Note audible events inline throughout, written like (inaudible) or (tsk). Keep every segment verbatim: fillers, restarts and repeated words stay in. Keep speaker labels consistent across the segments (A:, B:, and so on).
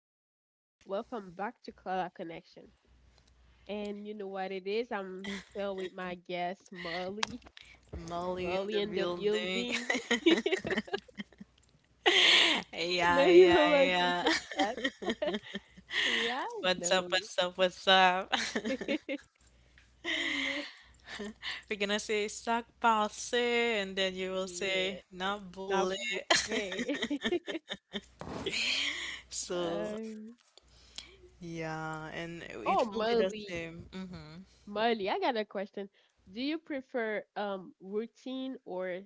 A: welcome to Color welcome back to Color Connection. And you know what it is? I'm still with my guest Molly.
B: Molly in
A: Molly
B: the
A: in the
B: building.
A: building.
B: (laughs)
A: (laughs) I
B: yeah,
A: know you
B: yeah,
A: were about to say
B: yeah.
A: that. (laughs) yeah,
B: (laughs)
A: I
B: What's up?
A: know.
B: What's up? What's up?
A: (laughs) I know.
B: (laughs) We're gonna say sac passe, and then you will say
A: Yeah.
B: not
A: Now
B: bully.
A: hey. (laughs)
B: So
A: um,
B: yeah, and it
A: oh
B: will be the
A: Molly.
B: same. Mm-hmm.
A: Molly, I got a question. Do you prefer um routine or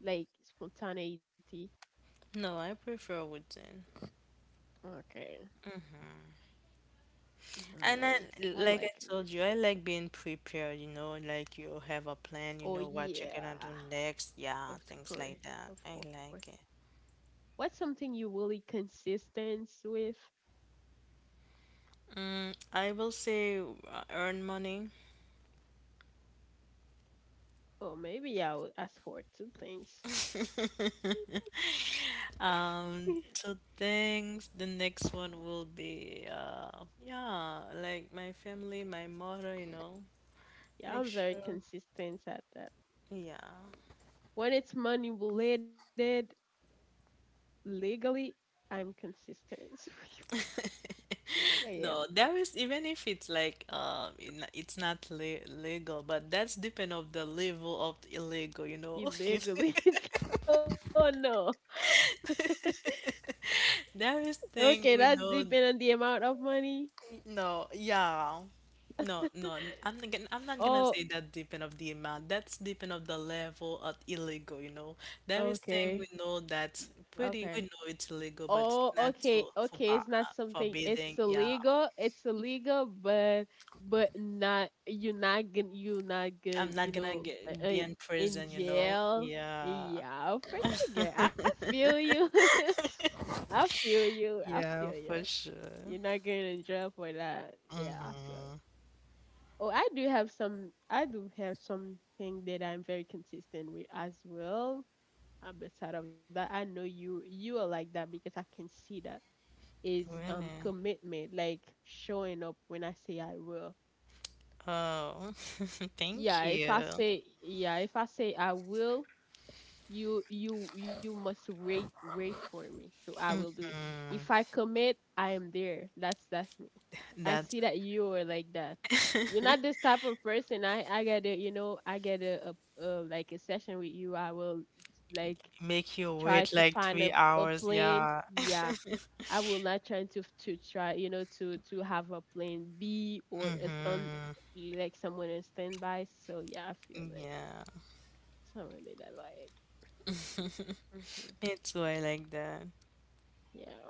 A: like spontaneity?
B: No, I prefer wooden.
A: Okay.
B: And I,
A: Nice. I
B: like I
A: like
B: told you,
A: words.
B: I like being prepared. You know, like you have a plan. You
A: Oh
B: know what you're
A: yeah.
B: gonna do next. Yeah,
A: Of
B: things like
A: course.
B: that.
A: Of
B: I
A: course.
B: like it.
A: What's something you really consistent with?
B: Mm, I will say uh, earn money.
A: Oh, maybe I would ask for two things.
B: (laughs) Um,
A: (laughs)
B: so thanks. The next one will be, uh, yeah, like my family, my mother, you know,
A: yeah,
B: make
A: I'm very
B: sure.
A: consistent at that.
B: Yeah.
A: When it's money related, legally, I'm consistent. (laughs) Yeah,
B: No, there is, even if it's like um, in- it's not le- legal, but that's depend of the level of illegal, you know. (laughs) You know?
A: illegally. (laughs) Oh no. (laughs)
B: There is
A: Okay,
B: thing we
A: that's
B: know.
A: depending on the amount of money.
B: No, yeah. No, no, n- I'm not gonna, I'm not gonna
A: Oh,
B: say that depend of the amount. That's depend of the level of illegal, you know. There is thing
A: okay.
B: we know that
A: Okay.
B: pretty we know it's illegal, but
A: Oh,
B: it's not
A: okay,
B: so
A: okay. It's
B: forba
A: not something. It's
B: forbidding. Yeah,
A: illegal. It's illegal, but but not. You're not gonna. You're not
B: I'm
A: gonna.
B: not
A: You
B: gonna
A: know, uh,
B: get be
A: uh,
B: in
A: in
B: prison, you know.
A: jail.
B: Yeah,
A: Yeah, of course I get. I feel you. (laughs) I feel you. I feel
B: yeah,
A: you.
B: for sure.
A: You're not getting in jail for that. Yeah, I feel you. Oh, I do have some. I do have something that I'm very consistent with as well. Uh, beside of that, I know you. You are like that because I can see that is um
B: Really?
A: commitment, like showing up when I say I will.
B: Oh, (laughs) thank
A: Yeah, if
B: you.
A: I say yeah, if I say I will, you you you must wait wait for me. So I will do it. If I commit, I am there. That's that's me. I
B: That
A: see that you are like that. You're not this type of person. I I get a you know I get a, a, a like a session with you. I will like
B: make you
A: try to
B: wait like
A: find a
B: three
A: a
B: hours.
A: plan.
B: Yeah,
A: Yeah
B: (laughs)
A: I will not try to to try, you know, to to have a plan B or a stand like someone in standby. So yeah, I feel like
B: yeah.
A: someone did that like hmm
B: Me too. I like that.
A: yeah.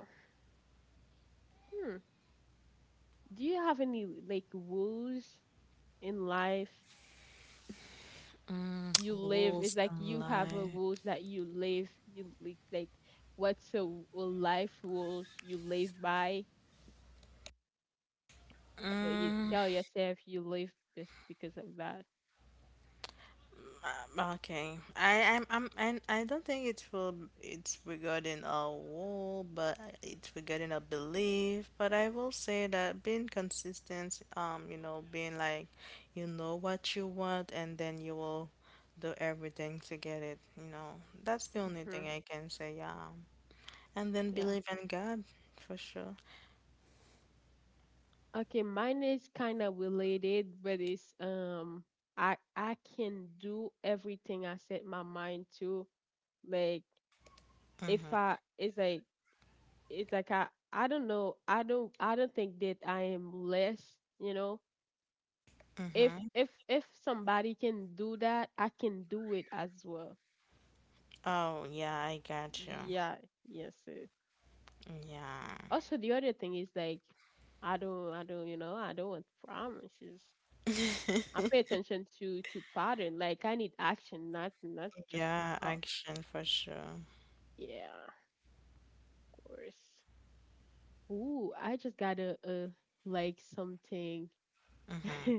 A: Hmm. Do you have any like rules in life
B: Mm,
A: you live?
B: rules
A: It's like
B: and
A: you have a
B: lie.
A: rules that you live. You li- like what's a, w- a life rules you live by? uh, You
B: Mm,
A: tell yourself you live this because of that.
B: uh, okay. I I'm, I'm and I don't think it's for it's regarding a rule, but it's regarding a belief. But I will say that being consistent, um, you know, being like, you know what you want, and then you will do everything to get it. You know, that's the only
A: Hmm.
B: thing I can say. Yeah, and then believe in God for sure.
A: Okay, mine is kind of related, but it's um I I can do everything I set my mind to. Like if
B: Mm-hmm.
A: I it's like it's like I I don't know. I don't I don't think that I am less, you know. If
B: Mm-hmm.
A: if if somebody can do that, I can do it as well.
B: Oh, yeah, I got you.
A: Yeah, yes. Sir.
B: Yeah.
A: Also the other thing is like I don't I don't you know, I don't want promises. I pay attention to to pattern. Like I need action, not not just
B: Yeah,
A: talk.
B: action for sure.
A: Yeah, of course. Ooh, I just got a uh like something. (laughs)
B: Mm-hmm.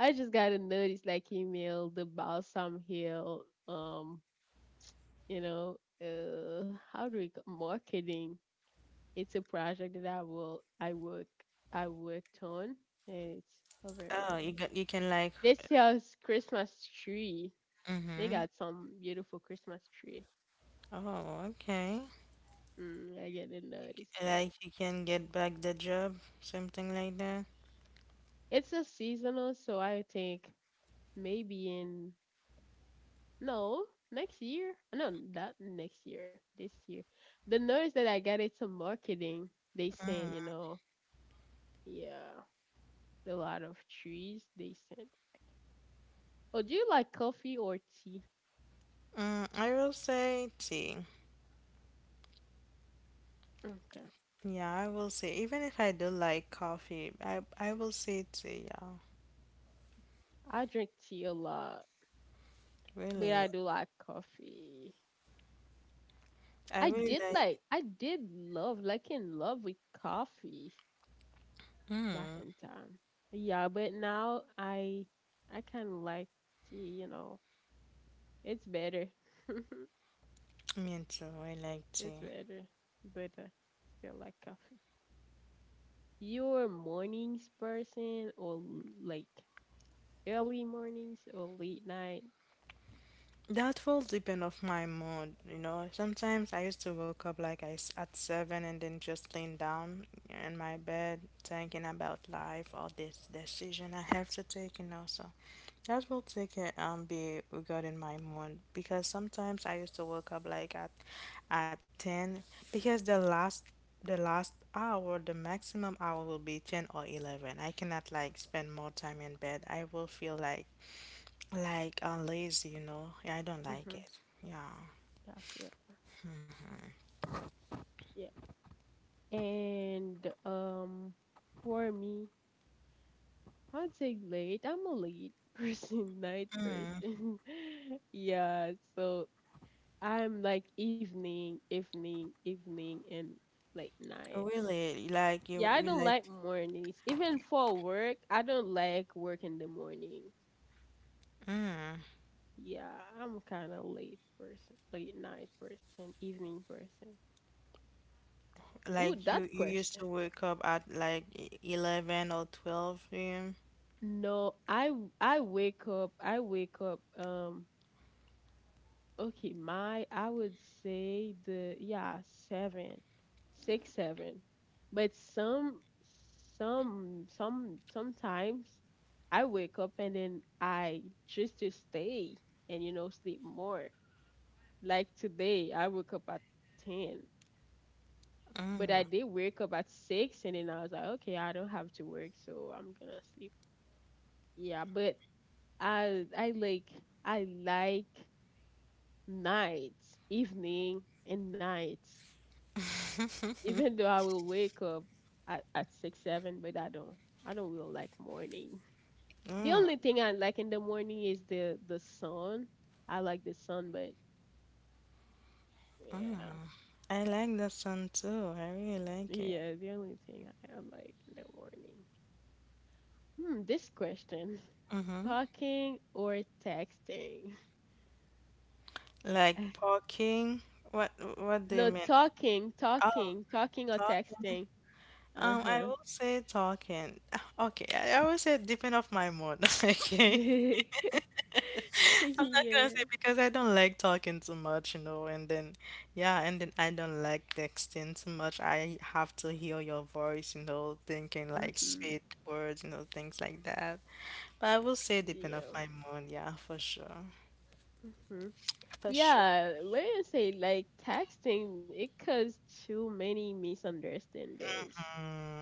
A: I just got a notice like email the Balsam Hill. Um, you know, uh, how do we c- marketing? It's a project that I will I work I worked on, and it's a very
B: Oh,
A: nice
B: you
A: one.
B: got you can like
A: This year's Christmas tree. They
B: mm-hmm.
A: got some beautiful Christmas tree.
B: Oh, okay.
A: Mm, I didn't
B: You
A: notice
B: can,
A: that.
B: like you can get back the job, something like that.
A: It's a seasonal, so I think maybe in no next year. No, not next year. This year, the notice that I got it's a marketing. They sent you
B: Mm.
A: know yeah a lot of trees. They sent. Oh, do you like coffee or tea?
B: Mm, I will say tea.
A: Okay,
B: Yeah, I will say even if I do like coffee, I I will say tea, yeah.
A: I drink tea a lot, but
B: Really.
A: I do like coffee.
B: I
A: I
B: really
A: did
B: like
A: like I did love like in love with coffee back
B: mm.
A: in time. Yeah, but now I I kind of like gee, you know, it's better.
B: Me too, I
A: (laughs)
B: like
A: It's
B: tea.
A: better, but uh, still like coffee. You're a mornings person or l- like early mornings or late night?
B: That will depend of my mood, you know. Sometimes I used to wake up like I s at seven and then just laying down in my bed thinking about life or this decision I have to take, you know. So that will take it um be regarding my mood because sometimes I used to wake up like at at ten because the last the last hour, the maximum hour will be ten or eleven. I cannot like spend more time in bed. I will feel like like uh, lazy, you know. Yeah, I don't like
A: Mm-hmm.
B: it. Yeah.
A: Yeah, I feel that. Yeah. And um, for me, I'd say late. I'm a late (laughs) person, night person. (laughs) Yeah. So I'm like evening, evening, evening, and late nights.
B: Really, like you,
A: Yeah, I
B: you
A: don't
B: like
A: like mornings. Even for work, I don't like work in the morning. Yeah, I'm kind of late person, late night person, evening person. Ooh,
B: like you
A: that
B: you used
A: question.
B: to wake up at like e- eleven or twelve p m?
A: No, I w- I wake up. I wake up. Um, Okay, my I would say the yeah, seven, six, seven. But some some some sometimes I wake up and then I just to stay and you know sleep more. Like today I woke up at ten. But I did wake up at six and then I was like, okay, I don't have to work, so I'm gonna sleep. Yeah, but I I like I like nights, evening and nights. Even though I will wake up at, at six, seven, but I don't I don't really like morning. The only thing I like in the morning is the the sun. I like the sun, but yeah.
B: I like the sun too. I really like it.
A: Yeah, the only thing I I like in the morning. Hmm, this question. (laughs)
B: Mm-hmm.
A: Talking or texting?
B: Like
A: (laughs)
B: parking. What what do you
A: No,
B: mean?
A: talking,
B: Oh,
A: talking, talking or
B: talking.
A: texting.
B: Um, I
A: Uh-huh.
B: will say talking. (sighs) (laughs) Okay, I, I will say depend of my mood. (laughs) Okay.
A: (laughs)
B: I'm not gonna say
A: Yeah.
B: because I don't like talking too much, you know, and then yeah, and then I don't like texting too much. I have to hear your voice, you know, thinking like
A: Mm-hmm.
B: sweet words, you know, things like that. But I will say depend of
A: Yeah.
B: my mood, yeah, for sure.
A: Mm-hmm.
B: For sure.
A: Yeah, let me say like texting, it caused too many misunderstandings.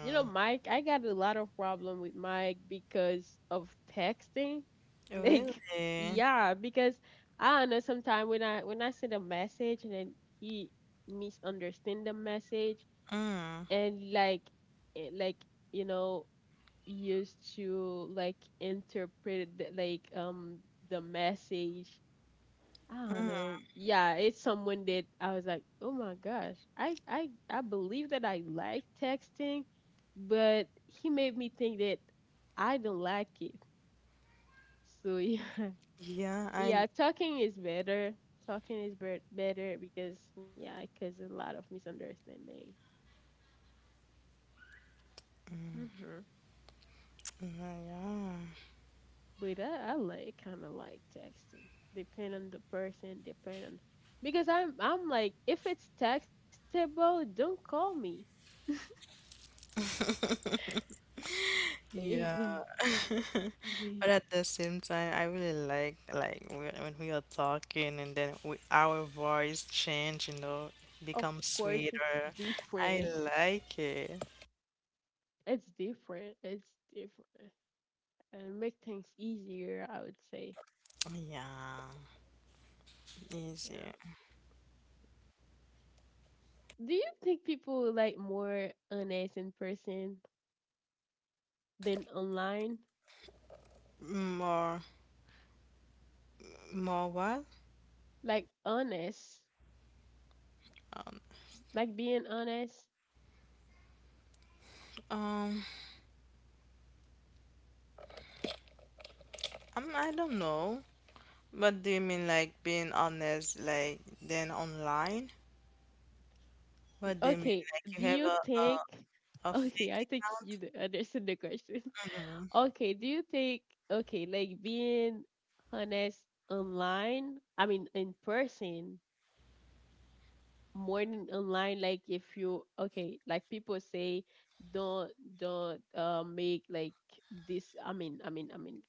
A: You know, Mike, I got a lot of problem with Mike because of texting. (laughs) Like,
B: really?
A: yeah, because I don't know sometimes when I when I send a message and then he misunderstand the message
B: Mm.
A: and like eh, like you know used to like interpret the, like um the message I don't know. Yeah, it's someone that I was like, oh my gosh, I I I believe that I like texting, but he made me think that I don't like it. So yeah,
B: Yeah,
A: (laughs)
B: I.
A: yeah, talking is better. Talking is bet better because yeah, because a lot of misunderstanding. Mm-hmm. But I, I like kind of like texting. Depend on the person. Depend on because I'm I'm like if it's textable, don't call me.
B: Yeah, (laughs) but
A: (laughs) (laughs)
B: at the same time, I really like like when when we are talking and then we, our voice change, you know,
A: Of
B: become
A: course, it's
B: sweeter.
A: different.
B: I like it.
A: It's different. It's different. And make things easier, I would say.
B: Yeah, easier.
A: Yeah. Do you think people like more honest in person than online?
B: More, more what?
A: Like honest,
B: Um.
A: like being honest.
B: um, I'm, I don't know. What do you mean, like being honest, like then online?
A: Y-
B: What do you mean,
A: Okay,
B: like
A: do
B: you
A: you
B: have a
A: think?
B: a,
A: (laughs)
B: a
A: Okay,
B: fake
A: I think you
B: account?
A: d- understand the question. (laughs)
B: Mm-hmm.
A: Okay, do you think? Okay, like being honest online, I mean in person, more than online like if you okay like people say don't don't uh make like this i mean i mean I mean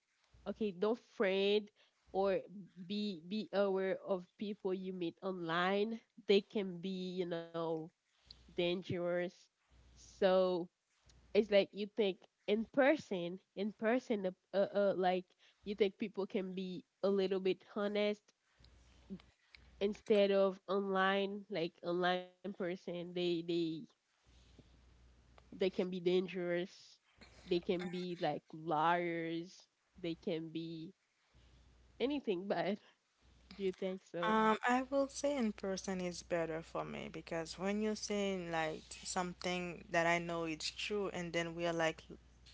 A: okay don't friend or be be aware of people you meet online they can be you know dangerous so it's like you think in person in person uh, uh uh, like you think people can be a little bit honest instead of online like online person they they they can be dangerous they can be like liars they can be anything bad. (laughs) do you think so
B: Um, I will say in person is better for me because when you're saying like something that I know it's true, and then we are like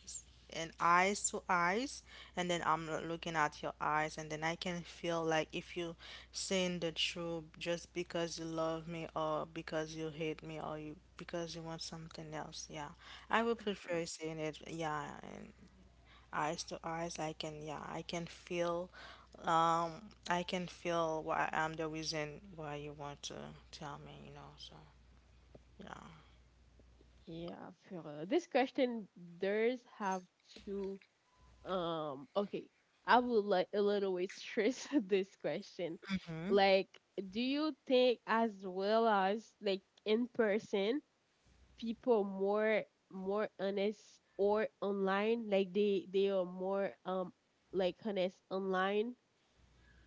B: s- in eyes to eyes, and then I'm l- looking at your eyes, and then I can feel like if you saying the truth just because you love me or because you hate me or you because you want something else. Yeah, I would prefer saying it. Yeah, eyes to eyes, I can, yeah, I can feel, um, I can feel why I'm the reason why you want to tell me, you know. So yeah.
A: yeah for uh, this question there's have to um okay I would like a little bit stress (laughs) this question like do you think as well as like in person people more more honest or online like they they are more um like honest online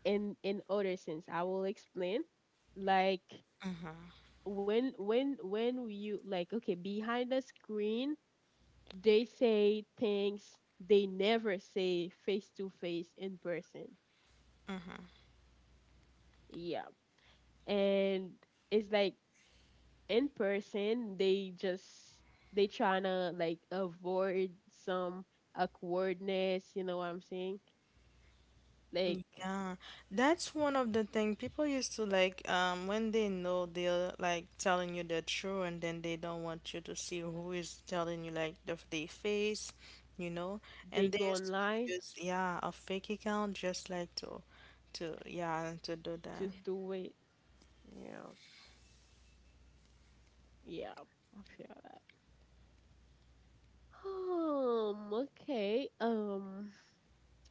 A: in in other sense I will explain like when when when you like okay behind the screen they say things they never say face to face in person
B: Mm-hmm.
A: yeah and it's like in person they just they trying to like avoid some awkwardness you know what I'm saying like
B: Yeah, that's one of the thing people used to like, um when they know they're like telling you the truth and then they don't want you to see who is telling you like the their face, you know,
A: they
B: and they
A: go
B: used to
A: online
B: use, yeah, a fake account just like to to yeah, to do that.
A: just do it yeah yeah I feel. Um, okay. Um,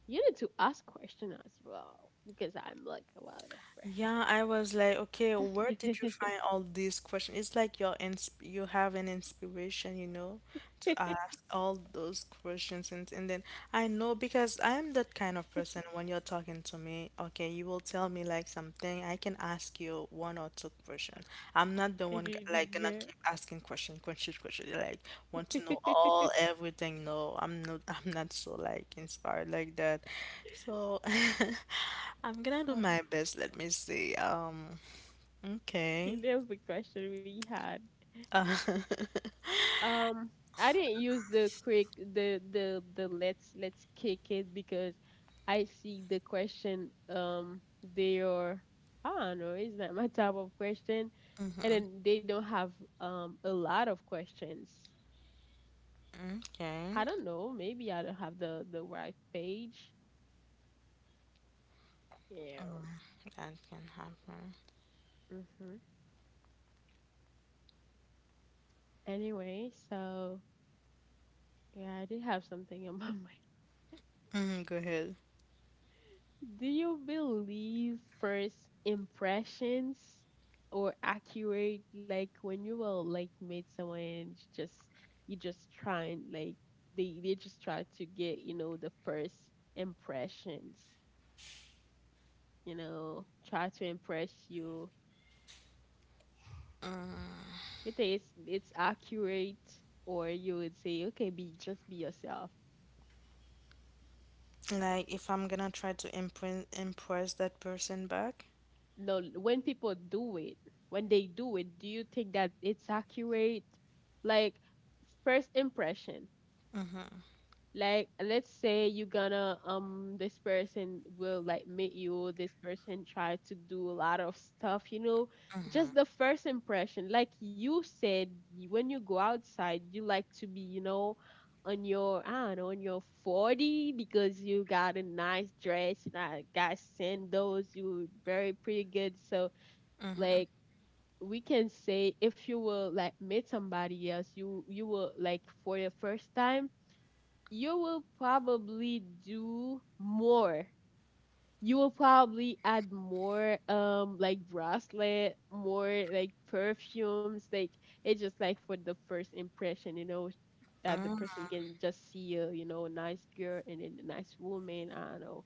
A: you need to ask question as well because I'm like a lot of question.
B: Yeah, I was like, okay, where did you
A: (laughs)
B: find all these questions? It's like you're ins you have an inspiration, you know, to ask all those questions, and and then I know because I am that kind of person. When you're talking to me, okay, you will tell me like something, I can ask you one or two questions. I'm not the
A: I
B: one g-
A: didn't
B: like gonna
A: get.
B: keep asking question, question, question, like want to know all
A: (laughs)
B: everything. No, I'm not, (laughs) I'm not so like inspired like that. So (laughs) I'm gonna do
A: uh,
B: my best. Let me see. Um,
A: in
B: okay.
A: every question we had. Um, I didn't use the quick the the the let's let's kick it because I see the question um they are I don't know it's not my type of question and
B: Mm-hmm.
A: then they don't have um a lot of questions
B: Okay,
A: I don't know. Maybe I don't have the the right page. Yeah.
B: that can happen.
A: Mhm. Anyway, so yeah, I did have something on my (laughs) mind.
B: Mm-hmm, go ahead.
A: Do you believe first impressions or accurate like when you will like meet someone and you just you just try and like they they just try to get, you know, the first impressions, you know, try to impress you. It is it's it's accurate, or you would say, okay, be just be yourself.
B: Like, if I'm gonna try to impress impress that person back.
A: No, when people do it, when they do it, do you think that it's accurate? Like first impression, like let's say you're gonna um this person will like meet you this person try to do a lot of stuff you know just the first impression like you said y- when you go outside you like to be you know on your I don't know on your forty because you got a nice dress you know, got sandals you very pretty good so like we can say if you will like meet somebody else you you will like for the first time you will probably do more. You will probably add more um like bracelet, more like perfumes, like it's just like for the first impression, you know, that the person can just see a, you know, a nice girl and then a nice woman, I don't know.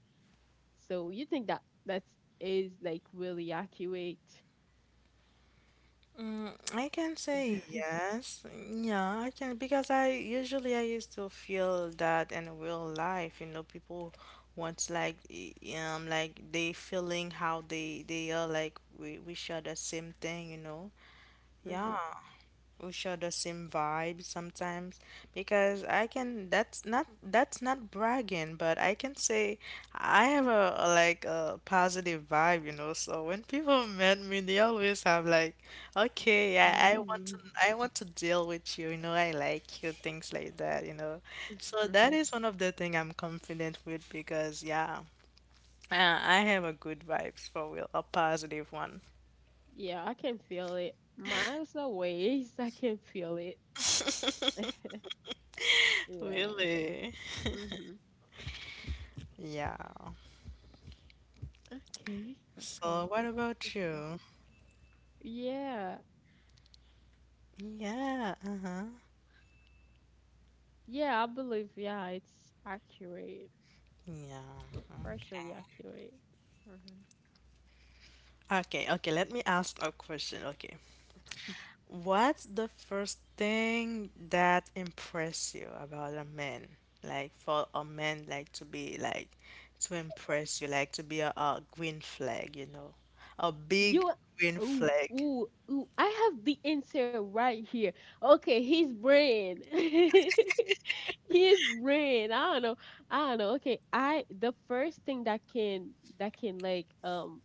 A: So you think that that's like really accurate.
B: I can say
A: (laughs)
B: yes. Yeah, I can, because I usually I used to feel that in real life, you know, people want like y- um like they feeling how they they are like we we share the same thing, you know.
A: Hmm.
B: Yeah. We share the same vibe sometimes because I can, that's not that's not bragging, but I can say I have a, a, like a positive vibe, you know. So when people met me, they always have like, okay, I, I want
A: Ooh.
B: to, I want to deal with you, you know, I like you, things like that, you know. So
A: (laughs)
B: that is one of the thing I'm confident with because yeah, uh, I have a good vibes for real, a positive one.
A: Yeah, I can feel it. Miles away, (laughs) I can feel it.
B: (laughs)
A: Yeah.
B: Really?
A: Mhm.
B: Yeah.
A: Okay.
B: So,
A: Okay.
B: what about
A: It's uh,
B: you?
A: yeah.
B: Yeah, uh-huh.
A: Yeah, I believe, yeah, it's accurate.
B: Yeah,
A: Partially
B: okay.
A: accurate. Mhm.
B: Okay, okay, let me ask a question. Okay. What's the first thing that impress you about a man? Like for a man like to be like, to impress you, like to be a, a, green flag, you know. A big
A: You
B: green
A: ooh
B: flag.
A: ooh ooh, I have the answer right here. Okay, his brain. (laughs) His brain. I don't know. I don't know. Okay, I the first thing that can that can like um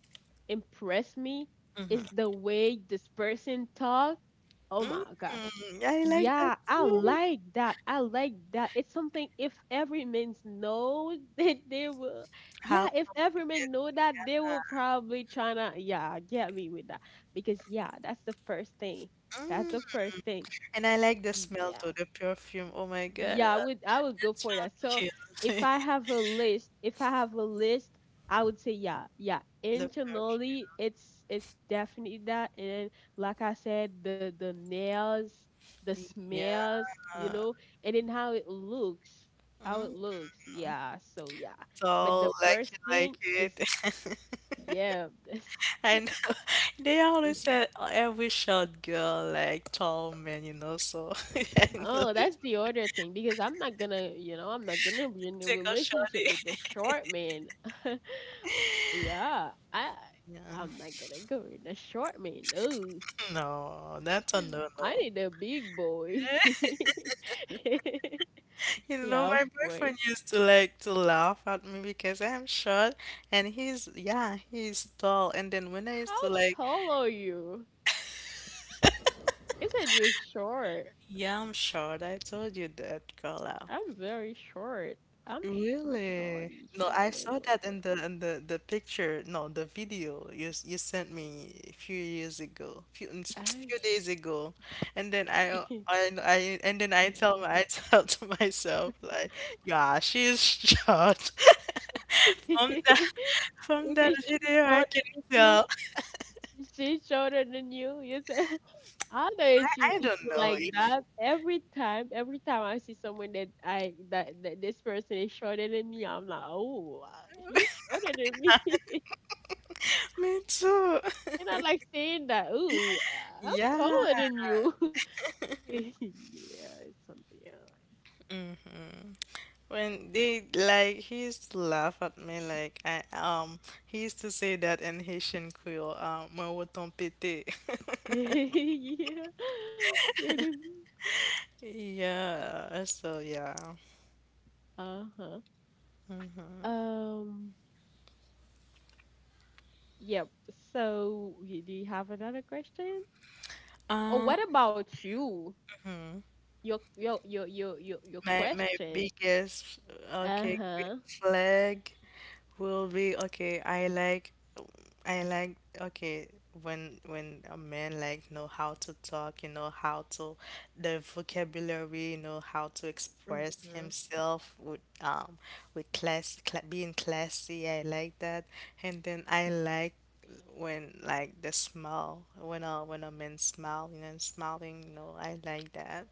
A: impress me is
B: Mm-hmm.
A: the way this person talk. Oh
B: Mm,
A: my gosh.
B: I like
A: Yeah,
B: that
A: I
B: too.
A: like that. I like that. It's something if every man knows (laughs) that they will, yeah,
B: How
A: if
B: come?
A: Everman know that, they will probably tryna, yeah, get me with that. Because yeah, that's the first thing. That's the
B: Mm,
A: first thing.
B: and I like the smell
A: Yeah.
B: too, the perfume. Oh my God.
A: Yeah, I would I would go
B: So
A: for that. So if
B: cute.
A: I
B: (laughs)
A: have a list, if I have a list, I would say yeah, yeah.
B: The perfume.
A: Internally, it's it's definitely that. And like I said, the the nails, the
B: Yeah.
A: smells, you
B: Mm.
A: know, and then how it looks, how it looks. Yeah. So yeah. But
B: So
A: the
B: like
A: first
B: you like
A: thing is
B: it. (laughs)
A: yeah, (laughs) that's
B: And (laughs) they always
A: yeah.
B: said, "Oh, every short girl like tall men," you know, so (laughs) I know
A: Oh,
B: it
A: that's the other thing because I'm not gonna, you know, I'm not gonna be
B: will
A: in a
B: take a
A: relationship
B: shorty.
A: with the short man. (laughs) Yeah, I
B: (laughs) Yeah.
A: I'm not gonna go with the short man. Oh,
B: No, that's a
A: (laughs)
B: no
A: I need
B: no.
A: a big boy.
B: (laughs)
A: (laughs)
B: You
A: Yeah,
B: know,
A: of
B: my
A: course.
B: boyfriend used to like to laugh at me because I'm short and he's, yeah, he's tall. And then when I used
A: How
B: to like,
A: tall are you? Isn't you short?
B: yeah, I'm short, I told you that, Carla.
A: I'm very short. I'm sh- I'm a
B: Really?
A: shorty,
B: No,
A: short
B: I saw
A: little
B: that in
A: girl.
B: the in the the picture. No, the video you s- you sent me a few years ago, few (tsk)
A: I'm
B: few days ago, and then I
A: sh-
B: uh, I I and
A: (laughs)
B: then I
A: okay.
B: tell my (laughs) I tell to myself like, yeah, she's short. (laughs) From that
A: (laughs)
B: from
A: If
B: that
A: it's shaped
B: video, I
A: shorter
B: can
A: than you,
B: tell.
A: she's shorter than you. You say, (laughs) I don't know if you
B: I
A: if
B: don't
A: you
B: know
A: like
B: if
A: that. Every time, every time I see someone that I that, that this person is shorter than me, I'm like, oh, uh, you shorter than me,
B: me too. (laughs)
A: (laughs) and I like saying that. Ooh, uh, I'm
B: Yeah.
A: taller than you. (laughs) Yeah, it's something else.
B: Hmm. When they like he used to laugh at me like I um he used to say that in Haitian Creole um moi autant péter. (laughs)
A: (laughs) Yeah. (laughs)
B: Yeah, so yeah.
A: Uh huh. Um. Yep. So, y- do you have another question? Or
B: Um,
A: what about you? Your your your your your, your
B: my my
A: question.
B: biggest
A: Uh
B: okay
A: huh.
B: green flag will be okay. I like, I like okay when when a man like know how to talk, you know how to the vocabulary, you know how to express
A: Mhm.
B: himself with um with class, cla being classy. I like that, and then I like when like the smile, when a when a man smile, you know, smiling. You know, I like that.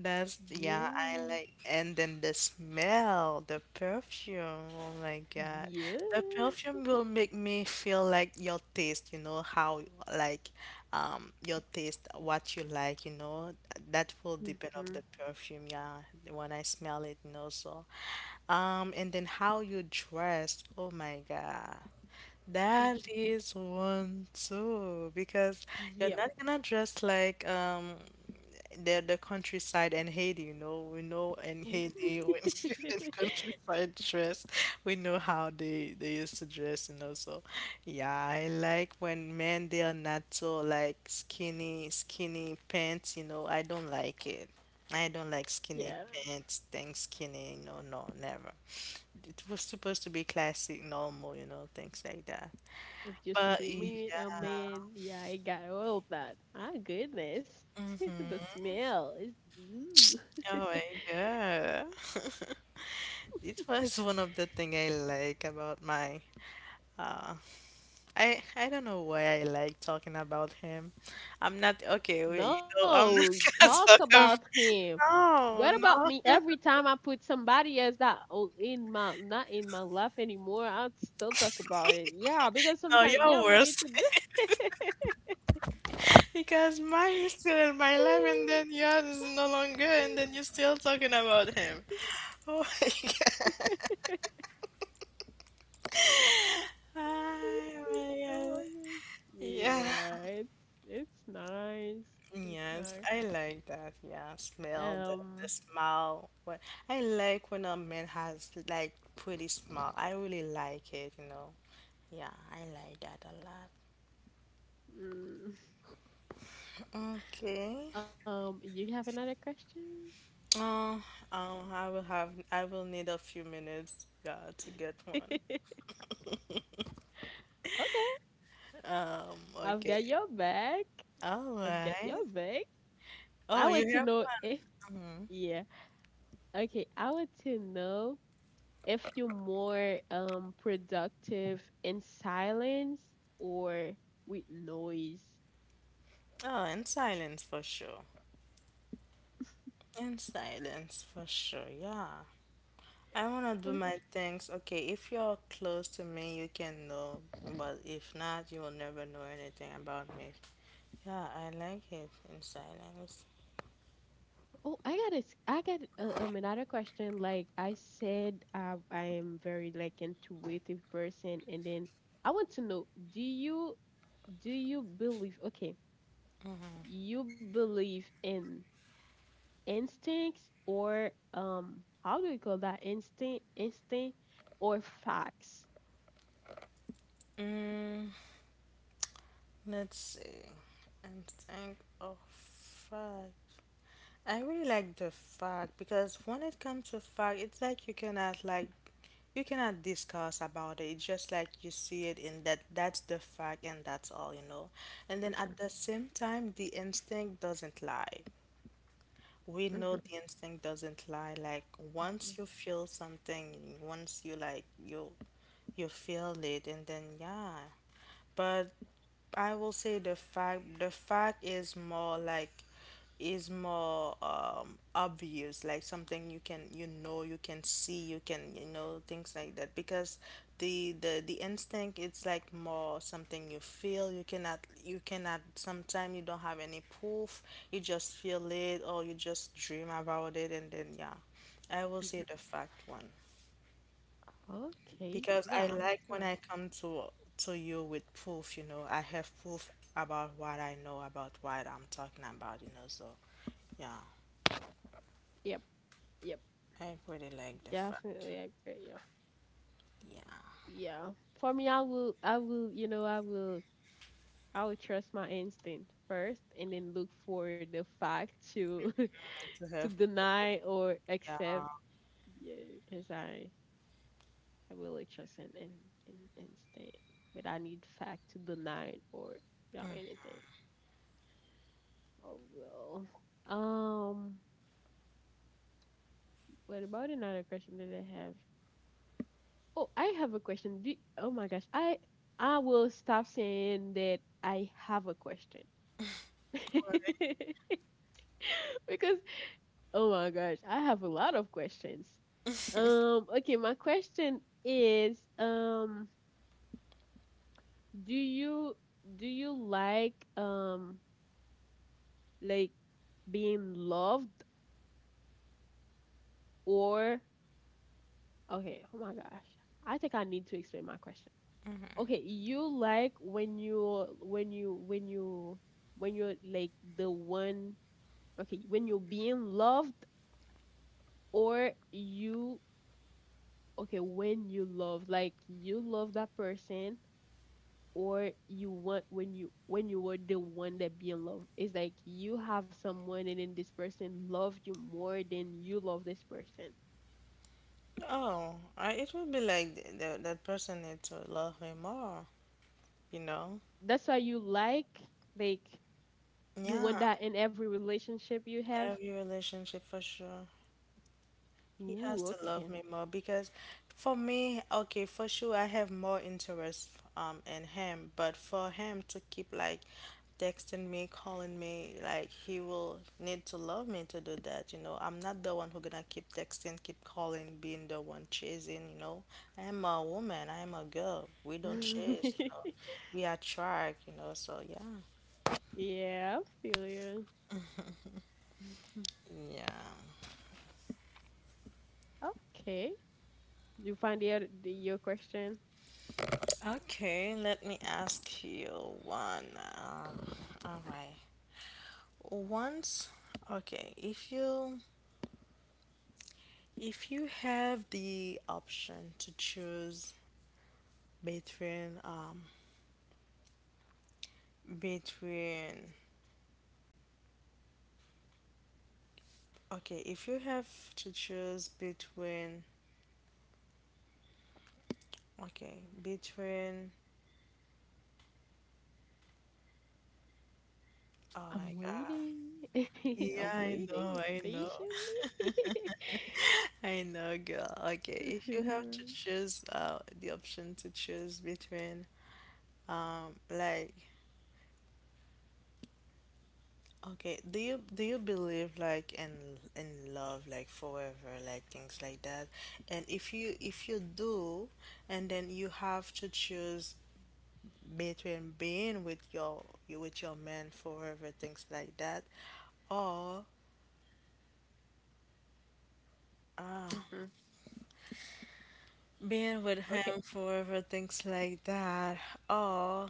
B: That's yeah, I
A: Yeah.
B: like, and then the smell, the perfume. Oh my God.
A: Yeah.
B: The perfume will make me feel like your taste, you know, how like um your taste, what you like, you know. That will depend
A: Mhm.
B: of the perfume, yeah. When I smell it, you know, so um and then how you dress. Oh my God. That is one too, because you're
A: Yep.
B: not gonna dress like um the the countryside and Haiti, you know, we know in Haiti when (laughs) in
A: (laughs)
B: countryside dress, we know how they they used to dress, you know. So, yeah, I like when men they are not so like skinny skinny pants, you know. I don't like it. I don't like
A: Yeah.
B: skinny pants, things skinny, you know, no, never. It was supposed to be classic, normal, you know, things like that.
A: If you
B: But
A: see
B: yeah.
A: me with a man, yeah, I got all of that. Ah, goodness, (laughs) the
B: Mm-hmm.
A: smell is. Ooh.
B: Oh my God. (laughs) It was one of the thing I like about my uh, I I don't know why I like talking about him. I'm not okay, wait, you know,
A: No,
B: I'm not (laughs)
A: talk
B: gonna talk
A: about
B: about.
A: him. What
B: No,
A: about me?
B: no,
A: Every time I put somebody else that oh, in my not in my life anymore, I'll still talk about it. Yeah, because
B: no,
A: sometimes yeah,
B: you're
A: we need
B: worse.
A: to. do-
B: (laughs) Because mine is still in my life and then yours is no longer and then
A: (laughs)
B: you're still talking about him. Oh (laughs) my God.
A: Oh
B: Oh
A: my gosh,
B: my
A: oh
B: God.
A: my gosh.
B: Yeah.
A: Yeah, it's it's nice. It's nice.
B: Yes, I like that. Yeah, smell the
A: Um,
B: the smell. What I like when a man has like pretty smell. I really like it, you know. Yeah, I like that a
A: mm,
B: lot. Okay.
A: um, you have another question?
B: Uh, um, I will have I will need a few minutes, yeah, to get one.
A: (laughs)
B: (laughs)
A: Okay,
B: Um,
A: I've
B: okay.
A: got your back.
B: All
A: I've got
B: right.
A: your back. I
B: Oh,
A: want to
B: you have
A: know if
B: one.
A: yeah. Okay, I want to know if you're more um productive in silence or with noise.
B: Hmm. Oh, in silence for sure. In silence for sure. Yeah. I wanna do
A: Okay.
B: my things. Okay, if you're close to me, you can know, but if not, you will never know anything about me. Yeah, I like it in silence.
A: Oh, I got a, s- I got uh, um another question. Like I said, uh, I am very like intuitive person, and then I want to know: Do you do you believe? Okay, you believe in instincts or um, how do you call that? Instinct, instinct, or facts?
B: Mm, let's see. And think of fact. I really like the fact because when it comes to fact, it's like you cannot like you cannot discuss about it. It's just like you see it in that that's the fact and that's all you know. And then at the same time, the instinct doesn't lie. We
A: Mm-hmm,
B: know the instinct doesn't lie. Like
A: mm-hmm.
B: once you feel something, once you like you you feel it and then yeah. But I will say the fact the fact is more like is more um obvious like something you can, you know, you can see, you can, you know, things like that because the the the instinct, it's like more something you feel, you cannot, you cannot sometimes you don't have any proof, you just feel it or you just dream about it and then yeah, I will say the fact one
A: Okay.
B: because I
A: Yeah,
B: like when
A: sure.
B: I come to to you with proof, you know. I have proof about what I know, about what I'm talking about, you know. So, yeah,
A: Yep. Yep.
B: I really like the fact.
A: Definitely agree. Yeah.
B: Yeah,
A: Yeah. For me, I will, I will, you know, I will, I will trust my instinct first and then look for the fact to, (laughs)
B: to
A: to
B: have proof.
A: deny or
B: Yeah.
A: accept. Yeah, because I, I will like trust in, in, in instinct, but I need fact to deny it or
B: Right.
A: not anything. Oh well. Um, what about another question that I have? Oh, I have a question. Do, oh my gosh, I I will stop saying that I have a question. (laughs) Because oh my gosh, I have a lot of questions. Um, okay, my question is, um, do you do you like um like being loved or okay, oh my gosh. I think I need to explain my Okay, you like when you when you when you when you're like the one, okay, when you're being loved or you okay, when you love like you love that person or you want when you when you were the one that being loved. It's like you have someone and then this person loved you more than you love this person.
B: Oh, I, it would be like th th- that person need to love me more, you know.
A: That's why you like like you
B: Yeah,
A: want that in every relationship you have.
B: every relationship for sure. He has
A: Ooh,
B: to love me more because for me, okay, for sure I have more interest um in him, but for him to keep like texting me, calling me, like he will need to love me to do that, you know. I'm not the one who gonna keep texting, keep calling, being the one chasing, you know. I am a woman, I am a girl. We don't chase, you
A: okay. (laughs)
B: know. We attract, you know, so yeah.
A: Yeah, I feel you. (laughs)
B: Yeah.
A: Okay. You find the, other, the your question?
B: Okay, let me ask you one. Um, all right. Once, okay, if you if you have the option to choose between um between okay, if you have to choose between okay, between oh
A: I'm
B: my God.
A: waiting. (laughs) I'm
B: Yeah, I know,
A: waiting
B: I know.
A: patiently. (laughs)
B: (laughs) I know, girl. Okay, if you have to
A: Rush.
B: choose uh the option to choose between um like okay, do you do you believe like in in love like forever like things like that? And if you if you do, and then you have to choose between being with your you with your man forever things like that or uh,
A: Mhm.
B: being with
A: Okay.
B: him forever things like that or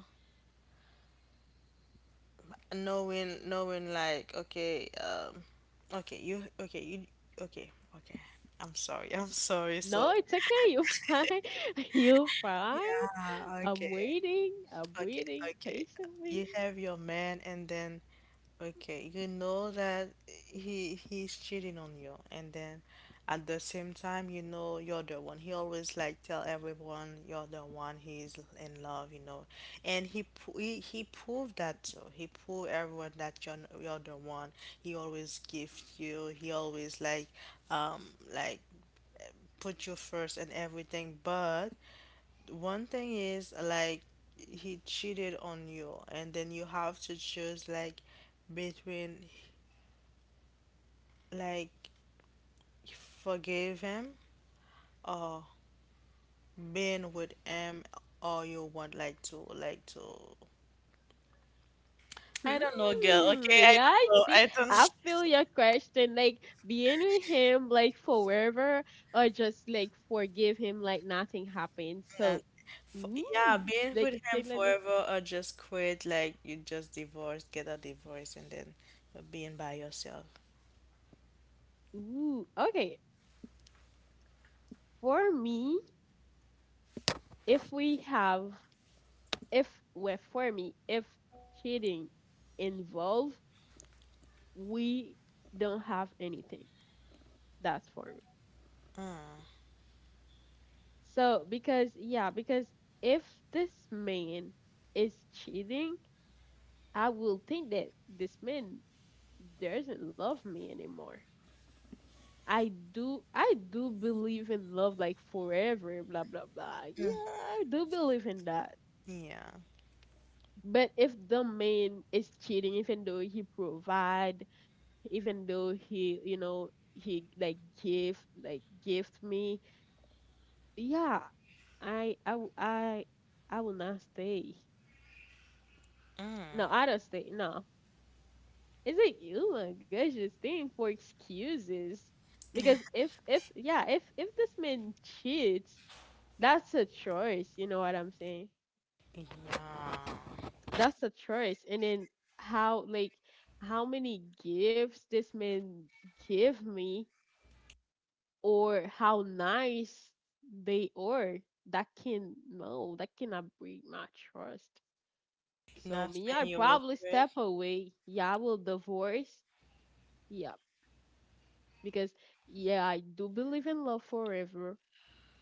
B: knowing knowing like okay um okay you okay you okay okay, I'm sorry, (laughs) I'm sorry so
A: No, it's okay. You're fine. (laughs) You're fine.
B: yeah
A: I'm
B: okay.
A: waiting. I'm
B: Okay,
A: waiting
B: okay.
A: patiently.
B: You have your man and then okay, you know that he he's cheating on you and then at the same time you know you're the one. He always like tell everyone you're the one he's in love, you know. And he pro- he, he proved that too. He proved everyone that you're n- you're the one. He always gives you. He always like um like put you first and everything, but one thing is like he cheated on you, and then you have to choose like between like forgive him or being with him, or you want like to like to. I don't know, girl.
A: Hmm,
B: Okay, I
A: yeah, I
B: don't know.
A: see.
B: I
A: I
B: don't. (laughs)
A: feel your question. Like being with him, like forever, or just like forgive him, like nothing happened.
B: Not,
A: So,
B: for, yeah,
A: ooh,
B: being
A: like
B: with him
A: thing like that.
B: forever or just quit. Like you just divorce, get a divorce, and then you're being by yourself.
A: Ooh, okay. For me, if we have, if well, for me, if cheating involve, we don't have anything. That's for me.
B: Mm,
A: So because yeah, because if this man is cheating, I will think that this man doesn't love me anymore. I do I do believe in love like forever, blah blah blah. Yeah, I do believe in that.
B: yeah,
A: But if the man is cheating even though he provide, even though he you know he like give like gift me, yeah, I I w- I I will not stay. No, I don't stay. No, it's like, oh my gosh, this thing for excuses. Because if if yeah, if if this man cheats, that's a choice, you know what I'm saying?
B: yeah.
A: That's a choice. And then how like how many gifts this man give me or how nice they are, that can no, that cannot break my trust. So
B: That's
A: me,
B: when
A: I'd
B: you work
A: probably
B: with.
A: step away. Yeah, I will divorce. Yeah, because yeah, I do believe in love forever.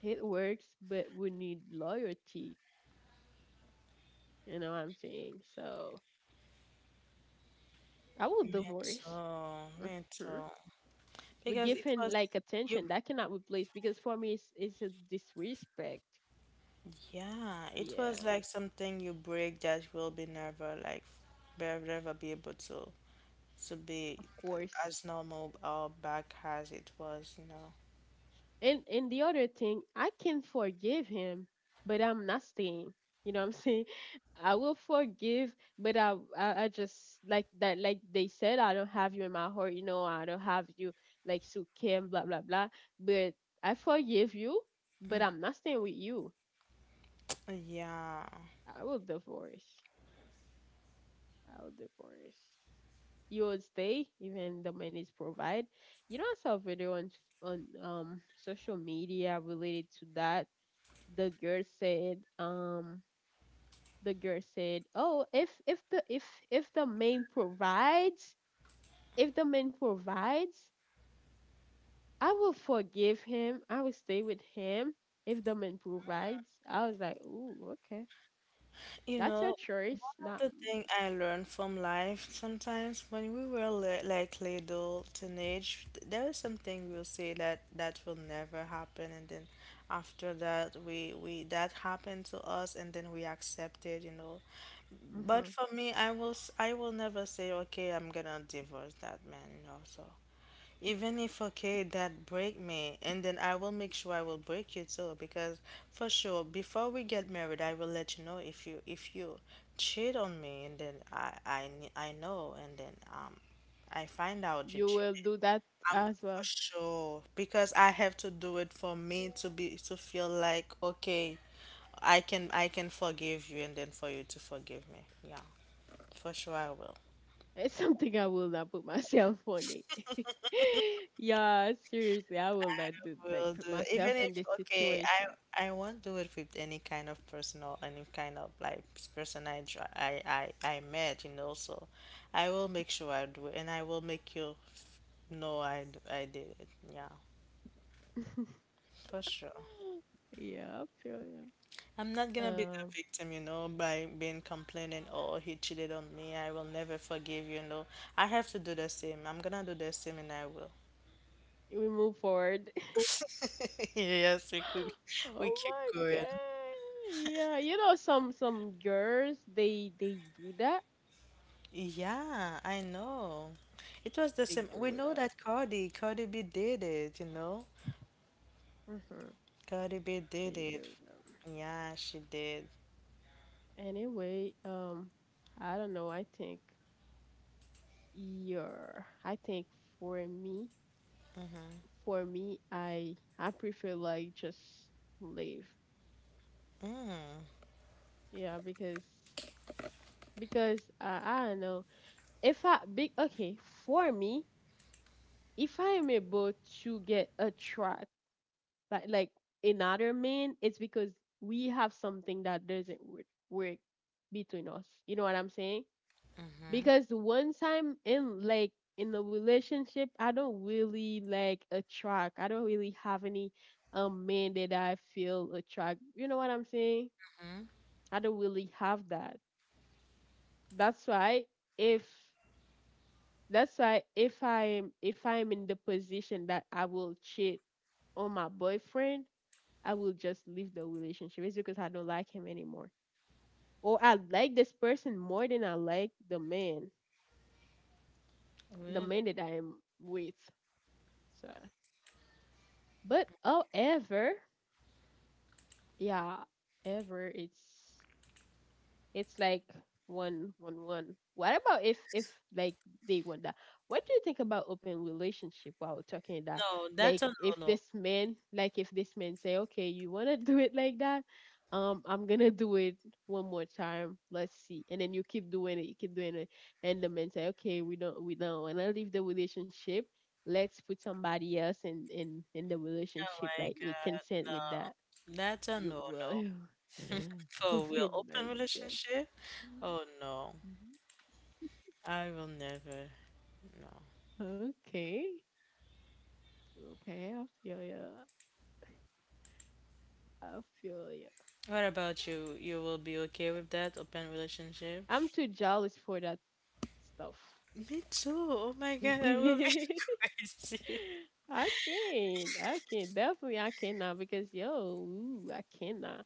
A: It works, but we need loyalty. You know what I'm saying? So I will divorce.
B: Mental,
A: Mm-hmm.
B: mental.
A: But give
B: Because it
A: him
B: was
A: like attention
B: you,
A: that cannot replace because for me it's it's a disrespect.
B: yeah, it
A: Yeah,
B: was like something you break that will be never like be never be able to to be
A: of course.
B: as normal or back as it was, you know.
A: And and the other thing, I can forgive him, but I'm not staying. You know what I'm saying? (laughs) I will forgive, but I, I I just like that like they said, I don't have you in my heart, you know, I don't have you like so Kim, blah blah blah. But I forgive you,
B: Mm,
A: but I'm not staying with you.
B: yeah.
A: I will divorce. I will divorce. You will stay even the man is provide. You know I saw a video on on um social media related to that the girl said um the girl said oh if if the if if the man provides, if the man provides, I will forgive him, I will stay with him. If the man provides, I was like ooh okay,
B: You
A: that's
B: know,
A: your choice
B: one of
A: not
B: the thing I learned from life sometimes when we were li like little teenage, th- there is something we'll say that that will never happen, and then after that we we that happened to us, and then we accept it, you know.
A: but
B: But
A: hmm
B: for me, I will s- I will never say, okay, I'm gonna divorce that man, you know. So even if okay, that break me, and then I will make sure I will break you too, because for sure, before we get married, I will let you know if you if you cheat on me, and then I I kn- I know, and then um, I find out you
A: you will
B: cheated.
A: do that
B: I'm
A: as
B: for
A: well.
B: sure because I have to do it for me to be to feel like okay, I can I can forgive you, and then for you to forgive me. Yeah, for sure I will.
A: It's (laughs) something I will not put myself on it. (laughs) Yeah, seriously, I will not do like
B: Will
A: put
B: do.
A: myself
B: Even
A: in
B: if,
A: this
B: okay,
A: situation.
B: I I won't do it with any kind of person or any kind of like person I dr- I I, I met, you know. So I will make sure I do it, and I will make you f- know I d- I did it. Yeah,
A: (laughs)
B: for
A: (gasps)
B: sure.
A: (laughs) Yeah, I feel you.
B: I'm not gonna be the
A: Um,
B: victim, you know, by being complaining, oh, he cheated on me. I will never forgive you, you know. I have to do the same. I'm gonna do the same, and I will.
A: we move forward. (gasps)
B: (laughs) Yes, we could,
A: (laughs)
B: we
A: Oh
B: keep
A: my
B: going.
A: god. Yeah, you know some some girls they they do that.
B: Yeah, I know. It was the
A: They
B: same. We
A: do
B: know
A: that.
B: that Cardi, Cardi B did it, you know?
A: Mhm.
B: Cardi B did
A: They
B: it.
A: do that.
B: Yeah, she did.
A: Anyway, um I don't know. I think yeah. I think for me,
B: Mm-hmm.
A: for me I I prefer like just leave.
B: Mm.
A: Yeah, because because uh, I don't know. If I big okay, for me if I am able to get attract like like another man, it's because we have something that doesn't work, work between us. You know what I'm saying?
B: Mm-hmm.
A: Because once I'm in like in a relationship, I don't really like attract. I don't really have any um man that I feel attract. You know what I'm saying?
B: Mm-hmm.
A: I don't really have that. That's why if That's why if I'm if I'm in the position that I will cheat on my boyfriend, I will just leave the relationship. It's because I don't like him anymore. Or I like this person more than I like the man, the
B: Really?
A: man that I am with. So, but however, yeah, ever it's It's like one one one. What about if if like they want that? What do you think about open relationship while we're talking that?
B: No,
A: Like
B: that's a
A: if
B: no-no.
A: this man like if this man say, okay, you wanna (laughs) do it like that? Um, I'm gonna do it one more time. Let's see. And then you keep doing it, you keep doing it, and the man say, okay, we don't we don't wanna leave the relationship. Let's put somebody else in in in the
B: Oh
A: relationship.
B: my
A: Like we
B: God,
A: consent with that.
B: no. That's a
A: You
B: no-no.
A: will.
B: (laughs) For real,
A: Hoping
B: open
A: (laughs) like
B: relationship? Oh no.
A: Mhm.
B: I will never. No.
A: Okay. Okay, I feel you. I feel you.
B: What about you? You will be okay with that open relationship?
A: I'm too jealous for that stuff.
B: Me too. Oh my God, that would
A: (laughs)
B: be (laughs) crazy.
A: I can't. I can't. Definitely, I cannot because yo, ooh, I cannot.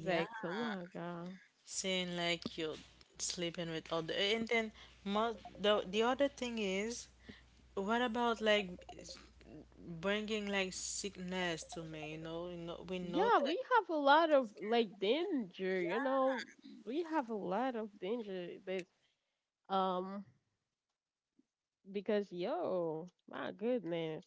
A: It's like, come on, God.
B: saying like you're sleeping with other, and then mo- the the other thing is, what about like s- bringing like sickness to me? You know, you know, we know
A: Yeah, we
B: that
A: have a lot of like danger. You know, we have a lot of danger. This um because yo, my goodness.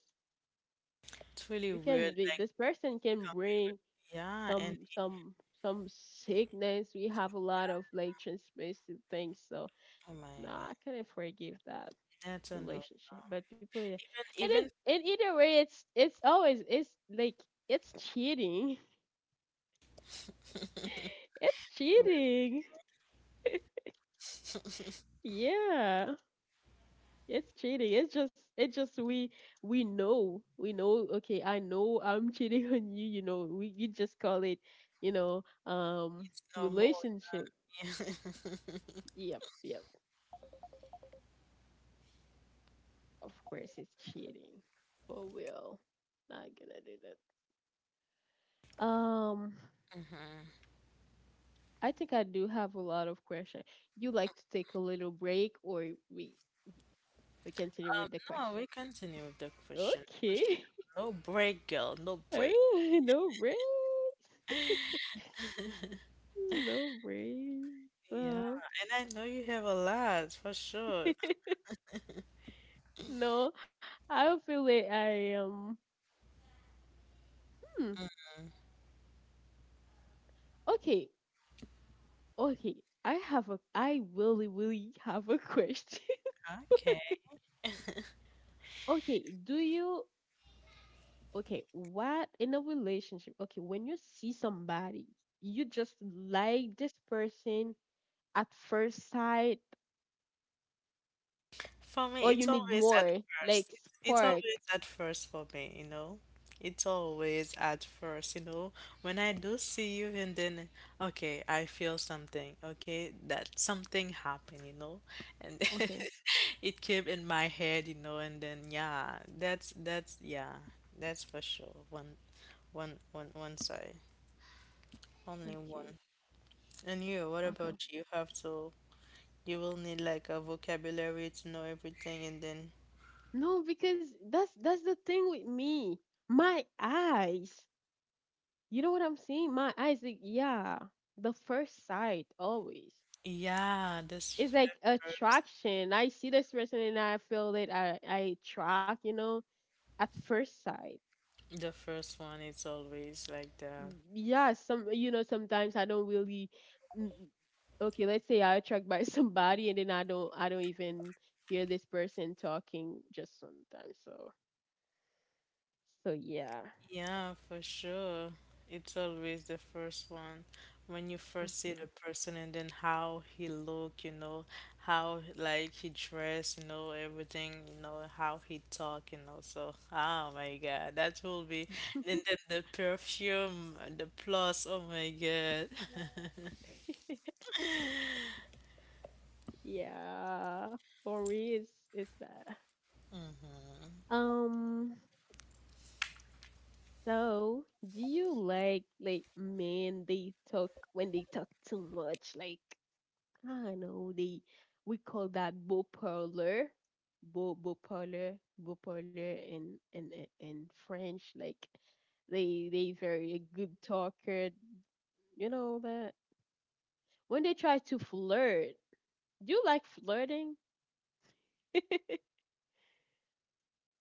B: it's really
A: you can
B: weird.
A: be-
B: Like,
A: This person can
B: coming.
A: bring
B: Yeah, and
A: some some some sickness. We have a lot of like transmissive things, so
B: oh
A: no,
B: my God,
A: I couldn't forgive that
B: that's a no.
A: relationship. But people, in- and
B: Even
A: it,
B: even
A: and either way, it's it's always it's like it's cheating. (laughs) It's
B: (laughs)
A: cheating. Yeah. It's cheating. It's just it's just we we know. We know, okay, I know I'm (laughs) cheating on you, you know. We you just call it, you know, um
B: it's normal.
A: relationship.
B: Yeah.
A: Yep, yep. Of course, it's cheating. For real. Not gonna do that. Um,
B: (laughs) Mhm.
A: I think I do have a lot of questions. You like to take a little break, or we we continue with the
B: No, we
A: questions?
B: continue with the question for sure.
A: Okay. (laughs)
B: No break, girl, no break.
A: Oh, no break. No break.
B: Yeah,
A: Oh.
B: and I know you have a lot for sure.
A: (laughs) No, I feel like I um. Hmm. Okay. Okay. I have a. I really, really have a question.
B: Okay.
A: (laughs) Okay, do you okay, what in a relationship, okay, when you see somebody, you just like this person at first sight,
B: For
A: or
B: me,
A: you
B: it's
A: need
B: always at
A: more, like
B: first. It's, it's
A: spark.
B: always at first for me, you know? It's always at first, you know? When I do see you and then, okay, I feel something, okay? That something happened, you know? And
A: Okay,
B: (laughs) it came in my head, you know? And then, yeah, that's, that's, yeah, that's for sure. One, One, one, one side, only
A: okay,
B: one. And you, what
A: okay.
B: about you? You have to, you will need like a vocabulary to know everything, and then
A: No, because that's that's the thing with me. My eyes. You know what I'm saying? My eyes, like, yeah, the first sight always.
B: yeah, this
A: It's like
B: the first,
A: attraction. I see this person and I feel that I I attract, you know, at first sight.
B: the first one is always like that.
A: Yeah, some, you know, sometimes I don't really mm, mm, okay, let's say I attract by (laughs) somebody and then i don't I don't even hear this person talking just sometimes, so so yeah.
B: Yeah, for sure. It's always the first one. When you first see
A: Hmm.
B: the person and then how he look, you know, how like he dress, you know, everything, you know, how he talk, you know. So, oh my God, that will be and then the perfume, the plus, oh my God. (laughs)
A: (laughs) Yeah, for me it's it's that um so do you like like men they talk when they talk too much like I know they, we call that beau parlor, beau beau parlor, beau parlor in in in in French. Like they they very good talker. You know that when they try to flirt. Do you like flirting? (laughs) I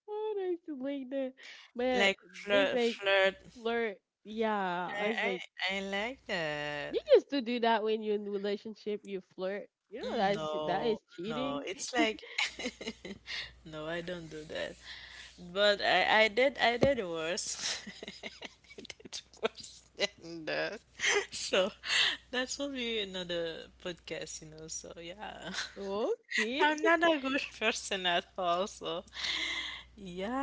A: don't used to like that, but
B: Like
A: they
B: flirt,
A: say
B: flirt.
A: flirt. Yeah, I
B: I,
A: was
B: I,
A: like,
B: I like that.
A: you used to do that when you're in relationship. You flirt. You know
B: Mm,
A: that's that
B: no,
A: is
B: no,
A: cheating.
B: it's like no, I don't do that. But I, I did, I did worse. (laughs) (laughs) It's worse than that. (laughs) So that's will be another podcast, you know. So yeah,
A: (laughs)
B: (laughs)
A: Okay.
B: I'm not a
A: (laughs)
B: good person at all. So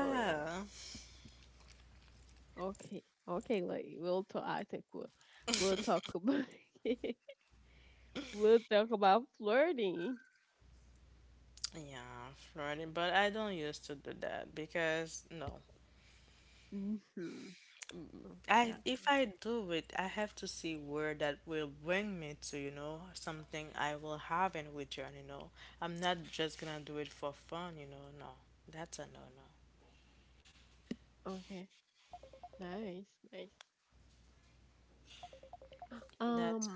A: Or. Okay, okay, like we'll talk. I think we'll we'll talk about (laughs) we'll talk about flirting.
B: yeah, flirting. But I don't used to do that because no,
A: Mm-hmm. Okay,
B: I
A: okay,
B: if I do it, I have to see where that will bring me to. You know, something I will have in return. You know, I'm not just gonna do it for fun. You know, no, that's a no no.
A: okay. Nice, nice.
B: That's
A: Um,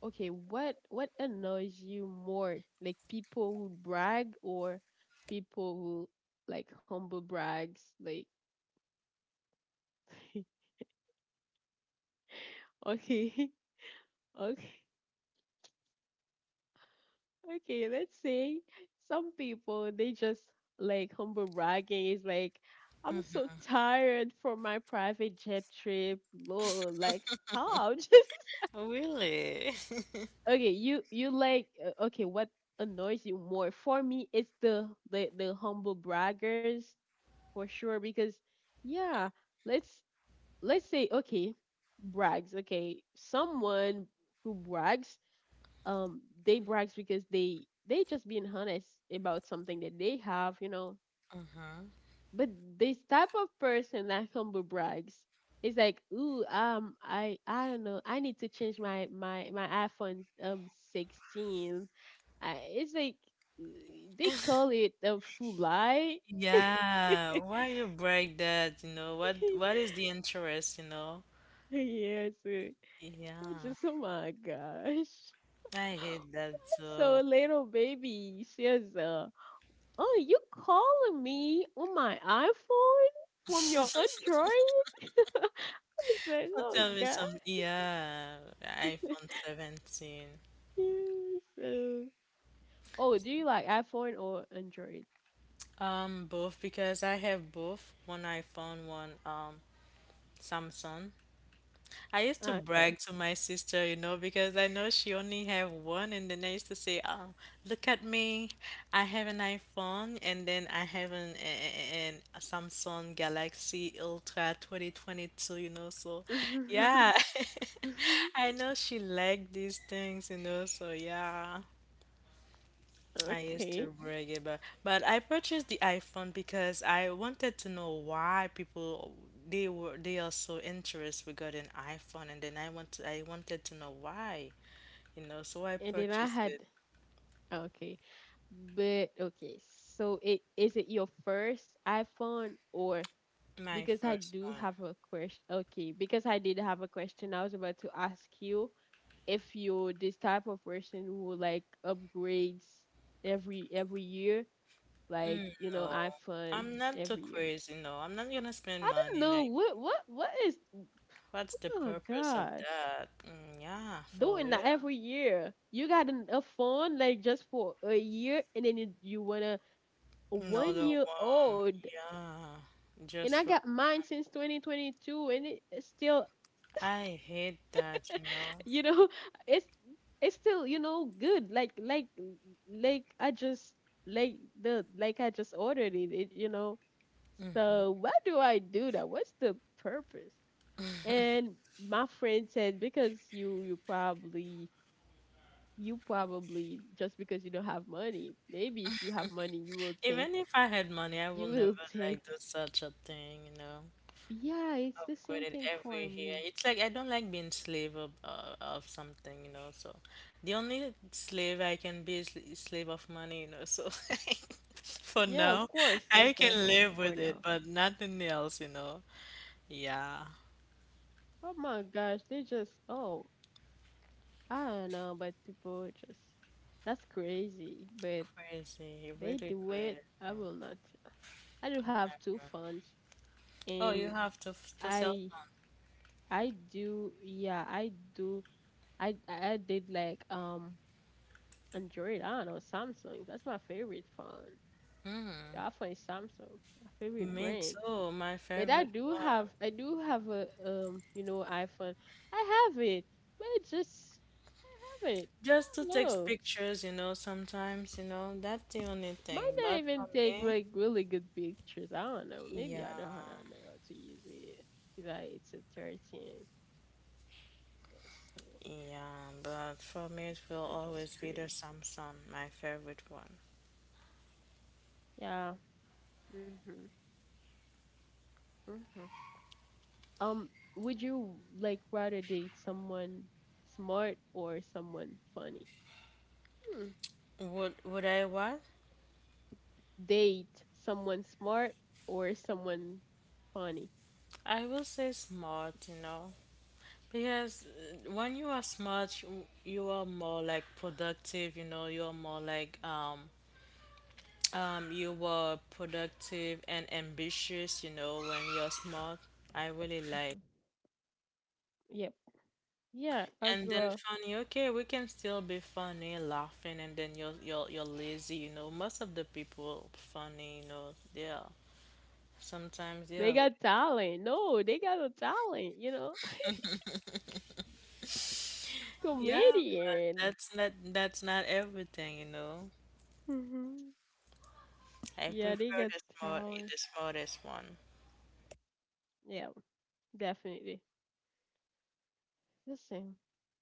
A: okay. What what annoys you more, like people who brag or people who like humble brags? Like, (laughs) okay, (laughs) okay. Okay, let's say some people they just, like, humble bragging is like, I'm so
B: mm-hmm.
A: tired from my private jet trip. Lord, like stop. (laughs) Just
B: Really.
A: okay, you you like uh, okay, what annoys you more? For me, it's the the the humble braggers for sure because yeah, let's let's say okay, brags. Okay, someone who brags, um they brags because they they just being honest about something that they have, you know,
B: (laughs) Mhm.
A: but this type of person that humble brags is like, ooh, um i i don't know, I need to change my my my iPhone, um, sixteen. I, it's like uh, they call it a food lie.
B: Yeah, why you break that, you know? What what
A: (laughs)
B: is the interest, you know?
A: Yes, uh, it's
B: Yeah,
A: just, oh my gosh. (laughs)
B: I hate that
A: So
B: too.
A: little baby, she is uh oh, you calling me on my iPhone from your Android? (laughs) I said,
B: So
A: oh
B: tell me
A: god.
B: some, yeah, iPhone seventeen.
A: Yeah, so oh, do you like iPhone or Android?
B: Um, both because I have both, one iPhone, one um Samsung. I used to
A: Okay.
B: brag to my sister, you know, because I know she only have one, and then I used to say, "Oh, look at me! I have an iPhone, and then I have an, an a Samsung Galaxy Ultra twenty twenty-two." You know, so
A: (laughs)
B: yeah, (laughs) I know she liked these things, you know, so yeah. I used
A: Okay.
B: to brag about, but I purchased the iPhone because I wanted to know why people they were they are so interested regarding iPhone, and then I want to, I wanted to know why, you know. So I
A: And then I
B: purchased
A: had
B: it,
A: okay. But okay, so it is it your first iPhone, or
B: my
A: because I
B: first
A: do
B: one.
A: have a question. Okay, because I did have a question I was about to ask you if you're this type of person who like upgrades every every year, like you know
B: No,
A: iPhone
B: I'm not
A: every
B: too
A: year.
B: crazy. No, I'm not gonna
A: I
B: spend
A: don't
B: money.
A: know
B: Like,
A: what what what is.
B: what's the
A: Oh
B: purpose of
A: gosh,
B: that? Mm, yeah, for
A: doing
B: real.
A: that every year. You got an, a phone like just for a year, and then you, you wanna a one
B: Another
A: year
B: one.
A: old.
B: Yeah,
A: And I
B: just for
A: got mine since twenty twenty-two, and it, it's still
B: I hate that, you know.
A: you know (laughs) it's it's still you know good, like like like I just like the like I just ordered it, it you know. So why do I do that? What's the purpose? And my friend said, because you you probably, you probably just because you don't have money, maybe if you have money you will think,
B: Even if I had money, I will
A: you
B: never
A: will think.
B: like do such a thing, you know.
A: Yeah, it's the
B: Upgrade
A: same
B: it
A: thing for
B: every year.
A: me.
B: It's like I don't like being slave of uh, of something, you know. So the only slave I can be is is slave of money, you know. So (laughs) for
A: Yeah, of
B: now,
A: course, that's
B: I can
A: definitely
B: live
A: for
B: with it,
A: now.
B: but nothing else, you know. Yeah,
A: Oh my gosh, they just, oh, I don't know, but people just, that's crazy. But
B: crazy,
A: they
B: really
A: do it.
B: crazy.
A: I will not. I do have two phones,
B: Oh, you
A: and
B: have to to cell
A: I
B: phone.
A: I do, yeah, I do, I I did like, um, Android. I don't know, Samsung. That's my favorite phone. I phone is Samsung, my favorite
B: Me
A: brand.
B: too. My
A: But I
B: favorite
A: do have
B: one.
A: I do have a, um, you know, iPhone. I have it, but I just have it. I
B: Just to
A: don't
B: take
A: know.
B: pictures, you know, sometimes, you know, that's the only
A: Might
B: thing.
A: not
B: But for
A: even take
B: me,
A: like really good pictures. I don't know. Maybe
B: yeah,
A: I don't, I don't know how to use it. Like it's a thirteen Pro, so
B: yeah, but for me, it will
A: that's just
B: always be the
A: crazy.
B: Samsung, my favorite one.
A: Yeah. Mhm. Mhm. Um, would you like rather date someone smart or someone funny? Hmm.
B: Would would I what?
A: Date someone smart or someone funny?
B: I will say smart, you know, because uh, when you are smart, you, you are more like productive, you know, you are more like um um you are productive and ambitious, you know, when you're smart. I really like.
A: Mhm. Yep. Yeah, as
B: And then
A: well.
B: funny, okay, we can still be funny, laughing, and then you're you're you're lazy, you know. Most of the people funny, you know, they are sometimes they
A: They
B: are.
A: got talent. No, they got a talent. You know, (laughs)
B: Yeah,
A: comedian.
B: that's not that's not everything, you know.
A: Mhm.
B: I
A: Yeah, they
B: prefer
A: got
B: the smart
A: talent.
B: the smartest one.
A: Yeah, definitely. The same.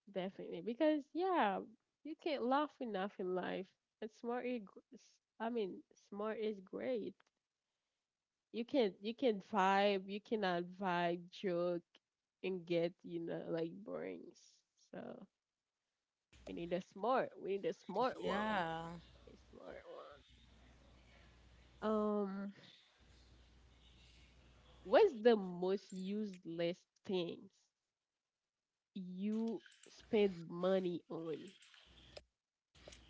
A: Definitely. Because, yeah, you can't laugh enough in life. And smart is, gr- s- I mean, smart is great. You can you can vibe, you cannot vibe, joke, and get, you know, like borings. So we need a smart. We need a smart one.
B: Yeah,
A: A smart one. Um, what's the most useless things you spend money on.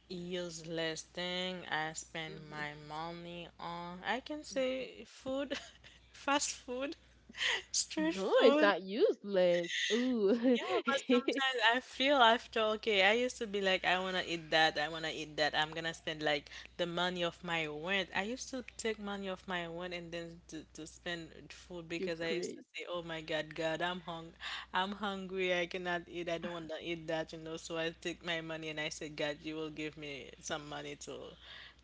B: useless thing I spend
A: Mhm.
B: my money on. I can say food, (laughs) fast food, (laughs) street
A: No, it's
B: food.
A: not useless. Ooh,
B: Yeah, but
A: (laughs)
B: sometimes I feel after, okay, I used to be like, I wanna eat that, I wanna eat that, I'm gonna spend like the money of my rent. I used to take money off my rent and then to, to spend food
A: you
B: because I used to
A: crazy.
B: say, oh my God, God, I'm hung, I'm hungry, I cannot eat, I don't wanna eat that, you know. So I take my money and I said, God, you will give me some money to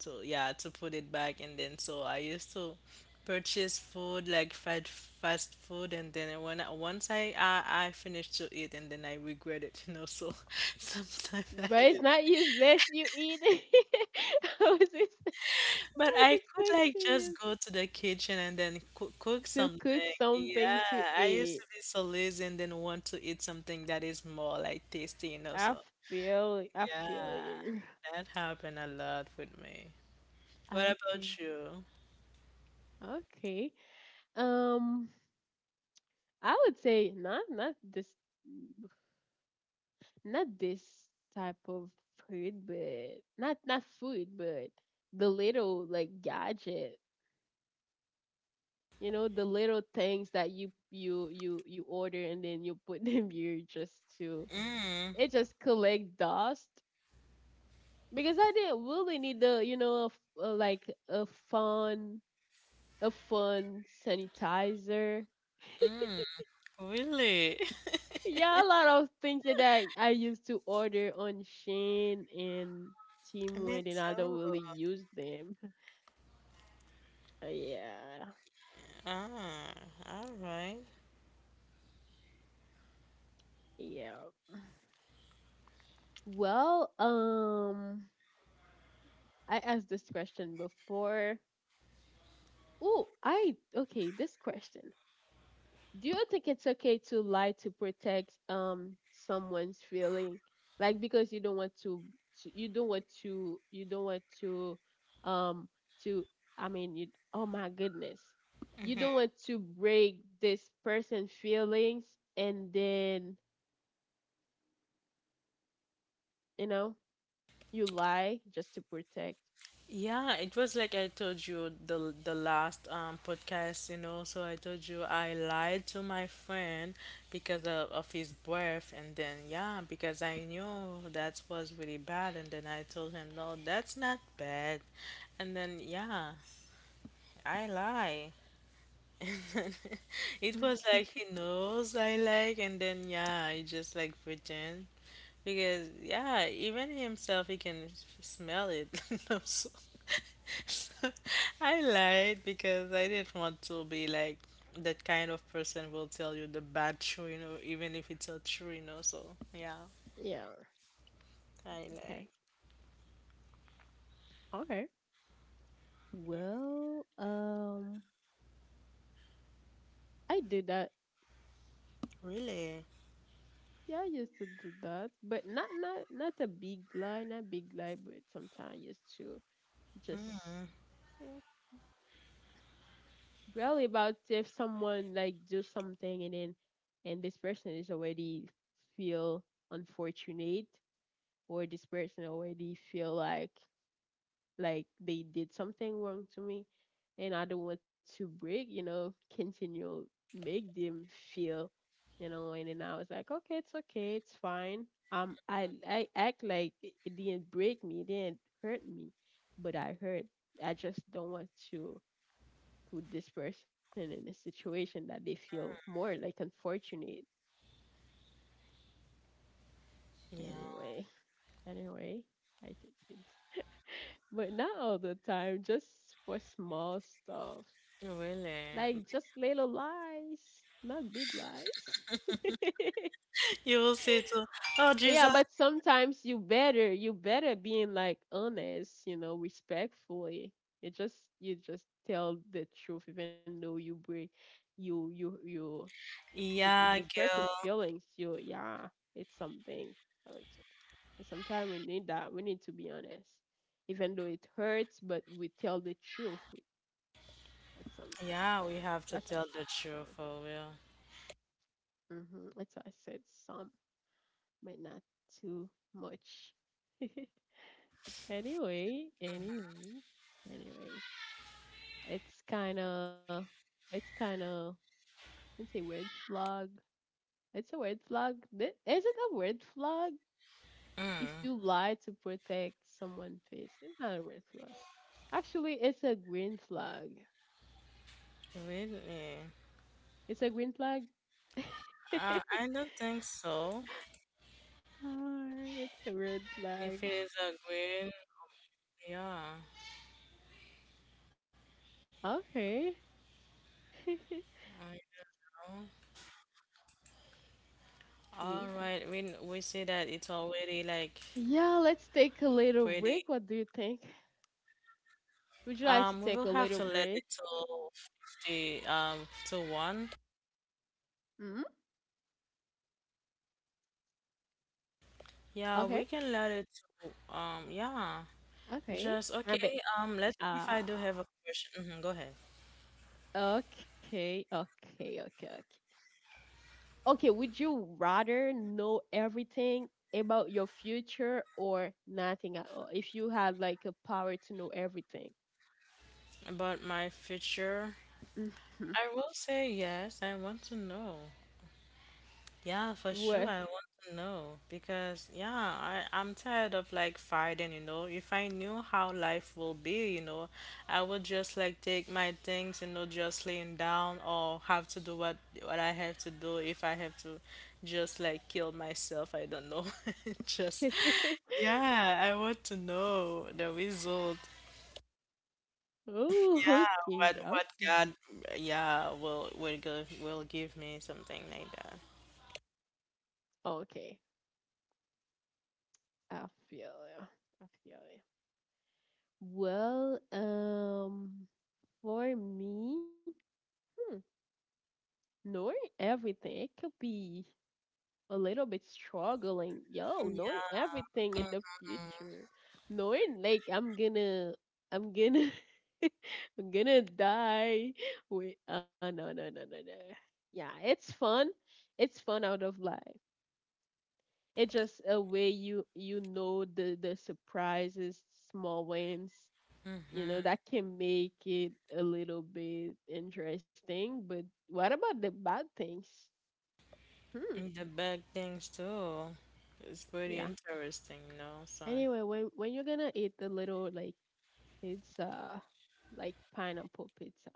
B: to yeah to put it back, and then so I used to purchase food like fast fast food, and then when I, once I, I I finished to eat and then I regret it, (laughs) you know, so (laughs) sometimes I
A: But
B: use-
A: it's not useless. You eat it. (laughs) I was ex- I
B: but
A: was
B: I could like
A: expecting you
B: just go to the kitchen and then cook, cook
A: to cook
B: something,
A: something to
B: yeah I used
A: eat.
B: to be so lazy and then want to eat something that is more like tasty, you know,
A: I
B: so
A: feel I feel
B: yeah
A: you.
B: that happened a lot with me. What about
A: Okay.
B: you?
A: Okay. Um, I would say not not this not this type of food, but not not food, but the little, like, gadget. You know, the little things that you you you you order and then you put (laughs) them here just to,
B: Mm,
A: it just collect dust. Because I didn't really need the, you know, a f a like a fun, a fun sanitizer.
B: mm, really. (laughs)
A: Yeah, a lot of things that I, I used to order on Shein and
B: I
A: Team
B: mean,
A: Teamwear, and then I
B: so.
A: don't really use them. Yeah.
B: Ah, all right.
A: Yeah. Well, um, I asked this question before. Oh, I, okay, this question. Do you think it's okay to lie to protect, um, someone's feeling? Like, because you don't want to, to you don't want to, you don't want to um to I mean, you oh my goodness. You don't want to break this person's feelings, and then, you know, you lie just to protect.
B: Yeah, it was like I told you the the last um podcast, you know. So I told you I lied to my friend because of, of his birth, and then yeah, because I knew that was really bad, and then I told him no, that's not bad, and then yeah, I lie. (laughs) And then it was
A: (laughs)
B: like he knows I like, and then yeah, I just like pretend. Because yeah, even himself he can f- smell it. (laughs) No, so- (laughs) so I lied because I didn't want to be like that kind of person will tell you the bad true, you know, even if it's a true, you know. So yeah,
A: Yeah.
B: I
A: Okay.
B: like.
A: Okay. Well, um, I did that.
B: Really,
A: Yeah, I used to do that, but not not not a big lie, not big lie, but sometimes I used to just, you know, really about if someone like do something, and then, and this person is already feel unfortunate, or this person already feel like like they did something wrong to me, and I don't want to break, you know, continue make them feel, you know, and then I was like, okay, it's okay, it's fine. Um, I I act like it it didn't break me, it didn't hurt me, but I hurt. I just don't want to put this person in a situation that they feel more like unfortunate.
B: yeah,
A: Anyway, anyway, I think it is. But not all the time, just for small stuff.
B: really.
A: Like just
B: (laughs)
A: little lies, not big lies. (laughs)
B: You will say to, oh
A: Yeah,
B: Jesus,
A: but sometimes you better, you better being like honest, you know, respectfully. You just you just tell the truth, even though you break you you you you break
B: yeah,
A: this
B: girl,
A: person's feelings. You, yeah, it's something. I like to. Sometimes we need that. We need to be honest, even though it hurts, but we tell the truth. We, that's something.
B: yeah, we have
A: That's how
B: to
A: I
B: tell
A: said
B: the
A: some.
B: truth for real.
A: Hmm. That's how I said some. But not too much. (laughs) Anyway, anyway, anyway, it's kind of, it's kind of, it's a red flag. It's a red flag. Th- Is it a red flag if
B: Mm,
A: you lie to protect someone's face? It's not a red flag. Actually, it's a green flag.
B: really?
A: It's a green flag.
B: Uh,
A: (laughs)
B: I don't think so.
A: Ah, it's a
B: If it
A: red
B: is a
A: flag.
B: green, yeah,
A: Okay.
B: I
A: (laughs)
B: know. All right, when
A: Yeah.
B: we see that it's already like
A: Yeah, let's take a
B: pretty,
A: little break. What do you think? Would
B: um,
A: you
B: we will
A: like to
B: have
A: take
B: to
A: a
B: let
A: little
B: it
A: break?
B: to fifty, um, to one.
A: Hmm.
B: Yeah, we can
A: Okay,
B: let it to, um, yeah, just
A: okay.
B: okay.
A: I bet.
B: Um, let's see if I do have a
A: Ah,
B: question. Mhm, go ahead.
A: okay, okay, okay, okay. Okay, would you rather know everything about your future or nothing at all? If you had like a power to know everything,
B: About my future,
A: hmm,
B: I will say yes, I want to know. Yeah, for sure.
A: what?
B: I want to know because yeah, I I'm tired of like fighting, you know. If I knew how life will be, you know, I would just like take my things, you know, just laying down or have to do what what I have to do if I have to just like kill myself, I don't know. (laughs) Just
A: (laughs)
B: yeah, I want to know the result.
A: Oh,
B: Yeah,
A: okay,
B: what
A: yeah.
B: what God yeah, will will give will give me something like that.
A: Okay, I feel you. I feel you. Well, um, for me, hmm, knowing everything, it could be a little bit struggling. Yo, knowing
B: Yeah.
A: everything in the
B: Mm-hmm.
A: future, knowing like I'm gonna, I'm gonna, (laughs) I'm gonna die. Wait, oh no, no, no, no, no. Yeah, it's fun. It's fun out of life. It's just a way you you know the the surprises, small wins. You know
B: Mm-hmm.
A: that can make it a little bit interesting. But what about the bad things? Hmm.
B: And the bad things too. It's pretty
A: Yeah.
B: interesting, you know. So
A: Anyway, when when you're gonna eat the little like pizza, like pineapple pizza,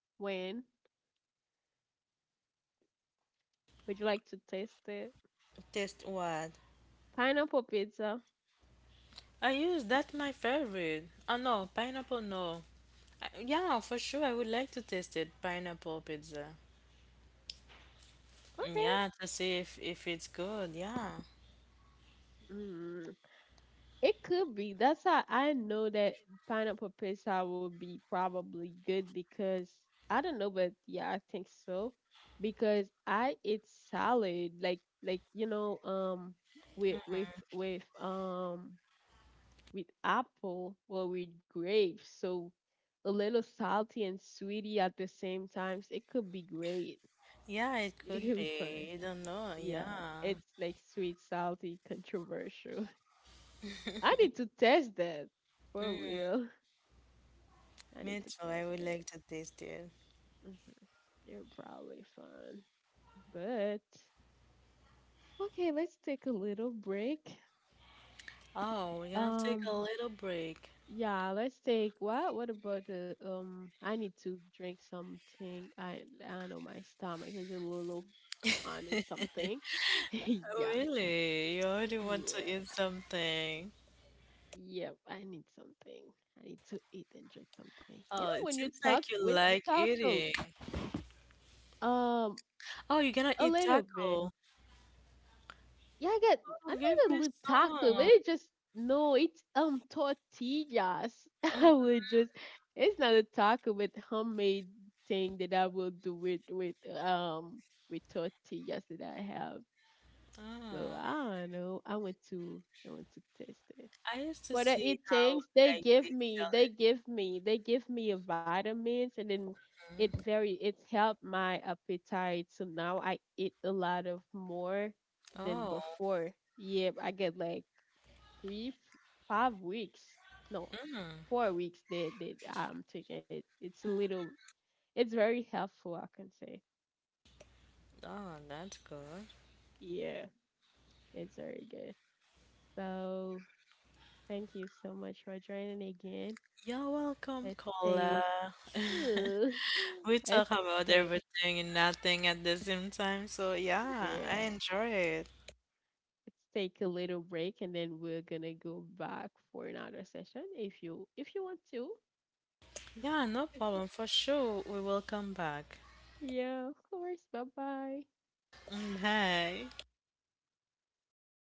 A: when would you like to taste it?
B: taste what?
A: Pineapple pizza.
B: I use that my favorite. Oh no, pineapple no. I, yeah, for sure. I would like to taste it. Pineapple pizza.
A: Okay.
B: Yeah, to see if if it's good. Yeah,
A: Mm. It could be. That's how I know that pineapple pizza will be probably good because I don't know, but yeah, I think so. Because I eat salad, like like you know, um, with with with um with apple or with grapes. So a little salty and sweety at the same time. It could be great.
B: yeah, it
A: (laughs) It
B: could
A: could be fun.
B: be. You don't know.
A: Yeah,
B: Yeah,
A: it's like sweet, salty, controversial. (laughs) I need to test that for real. I
B: me
A: need to
B: too. I
A: test
B: would
A: it.
B: like to taste it.
A: Mhm. You're probably fun, but okay. Let's take a little break.
B: Oh, we're gonna take a
A: Um,
B: little break.
A: Yeah, let's take what? What about the um? I need to drink something. I I know my stomach is a little. I need something. (laughs)
B: Oh,
A: Yeah,
B: really? You already want to eat
A: yeah,
B: something?
A: yep. I need something. I need to eat and drink something. You
B: Oh,
A: know
B: it
A: when you
B: seems
A: talk,
B: like you
A: when you
B: like
A: talk a,
B: eating.
A: um,
B: Oh, you're gonna
A: a
B: eat taco.
A: little bit.
B: Oh,
A: Yeah, I got
B: give
A: another
B: me
A: lip taco, but
B: some.
A: it just no, it's um tortillas. (laughs) I
B: Mhm.
A: would just, it's not a taco, but homemade thing that I will do with with um with tortillas that I have. So
B: Oh,
A: I don't know. I want to I want to test it.
B: I used to
A: Whether
B: see
A: it
B: how
A: takes, they
B: like
A: give
B: they
A: me,
B: sell
A: they
B: it.
A: give me, they give me a vitamins, and then it
B: Mm.
A: very it helped my appetite. So now I eat a lot of more than
B: Oh,
A: before. Yeah, I get like three, f- five weeks, no,
B: mm.
A: four weeks. That that I'm taking it. It's a little. It's very helpful. I can say.
B: Oh, that's good.
A: Yeah, it's very good. So thank you so much for joining again.
B: You're welcome,
A: Let's
B: Cola.
A: take
B: (laughs)
A: ooh.
B: We
A: (laughs) Let's
B: talk about
A: take
B: everything and nothing at the same time, so yeah, I
A: yeah.
B: enjoy it.
A: Let's take a little break and then we're gonna go back for another session if you if you want to.
B: Yeah,
A: (laughs)
B: no problem. For sure, we will come back.
A: Yeah, of course. Bye bye.
B: Mm, bye.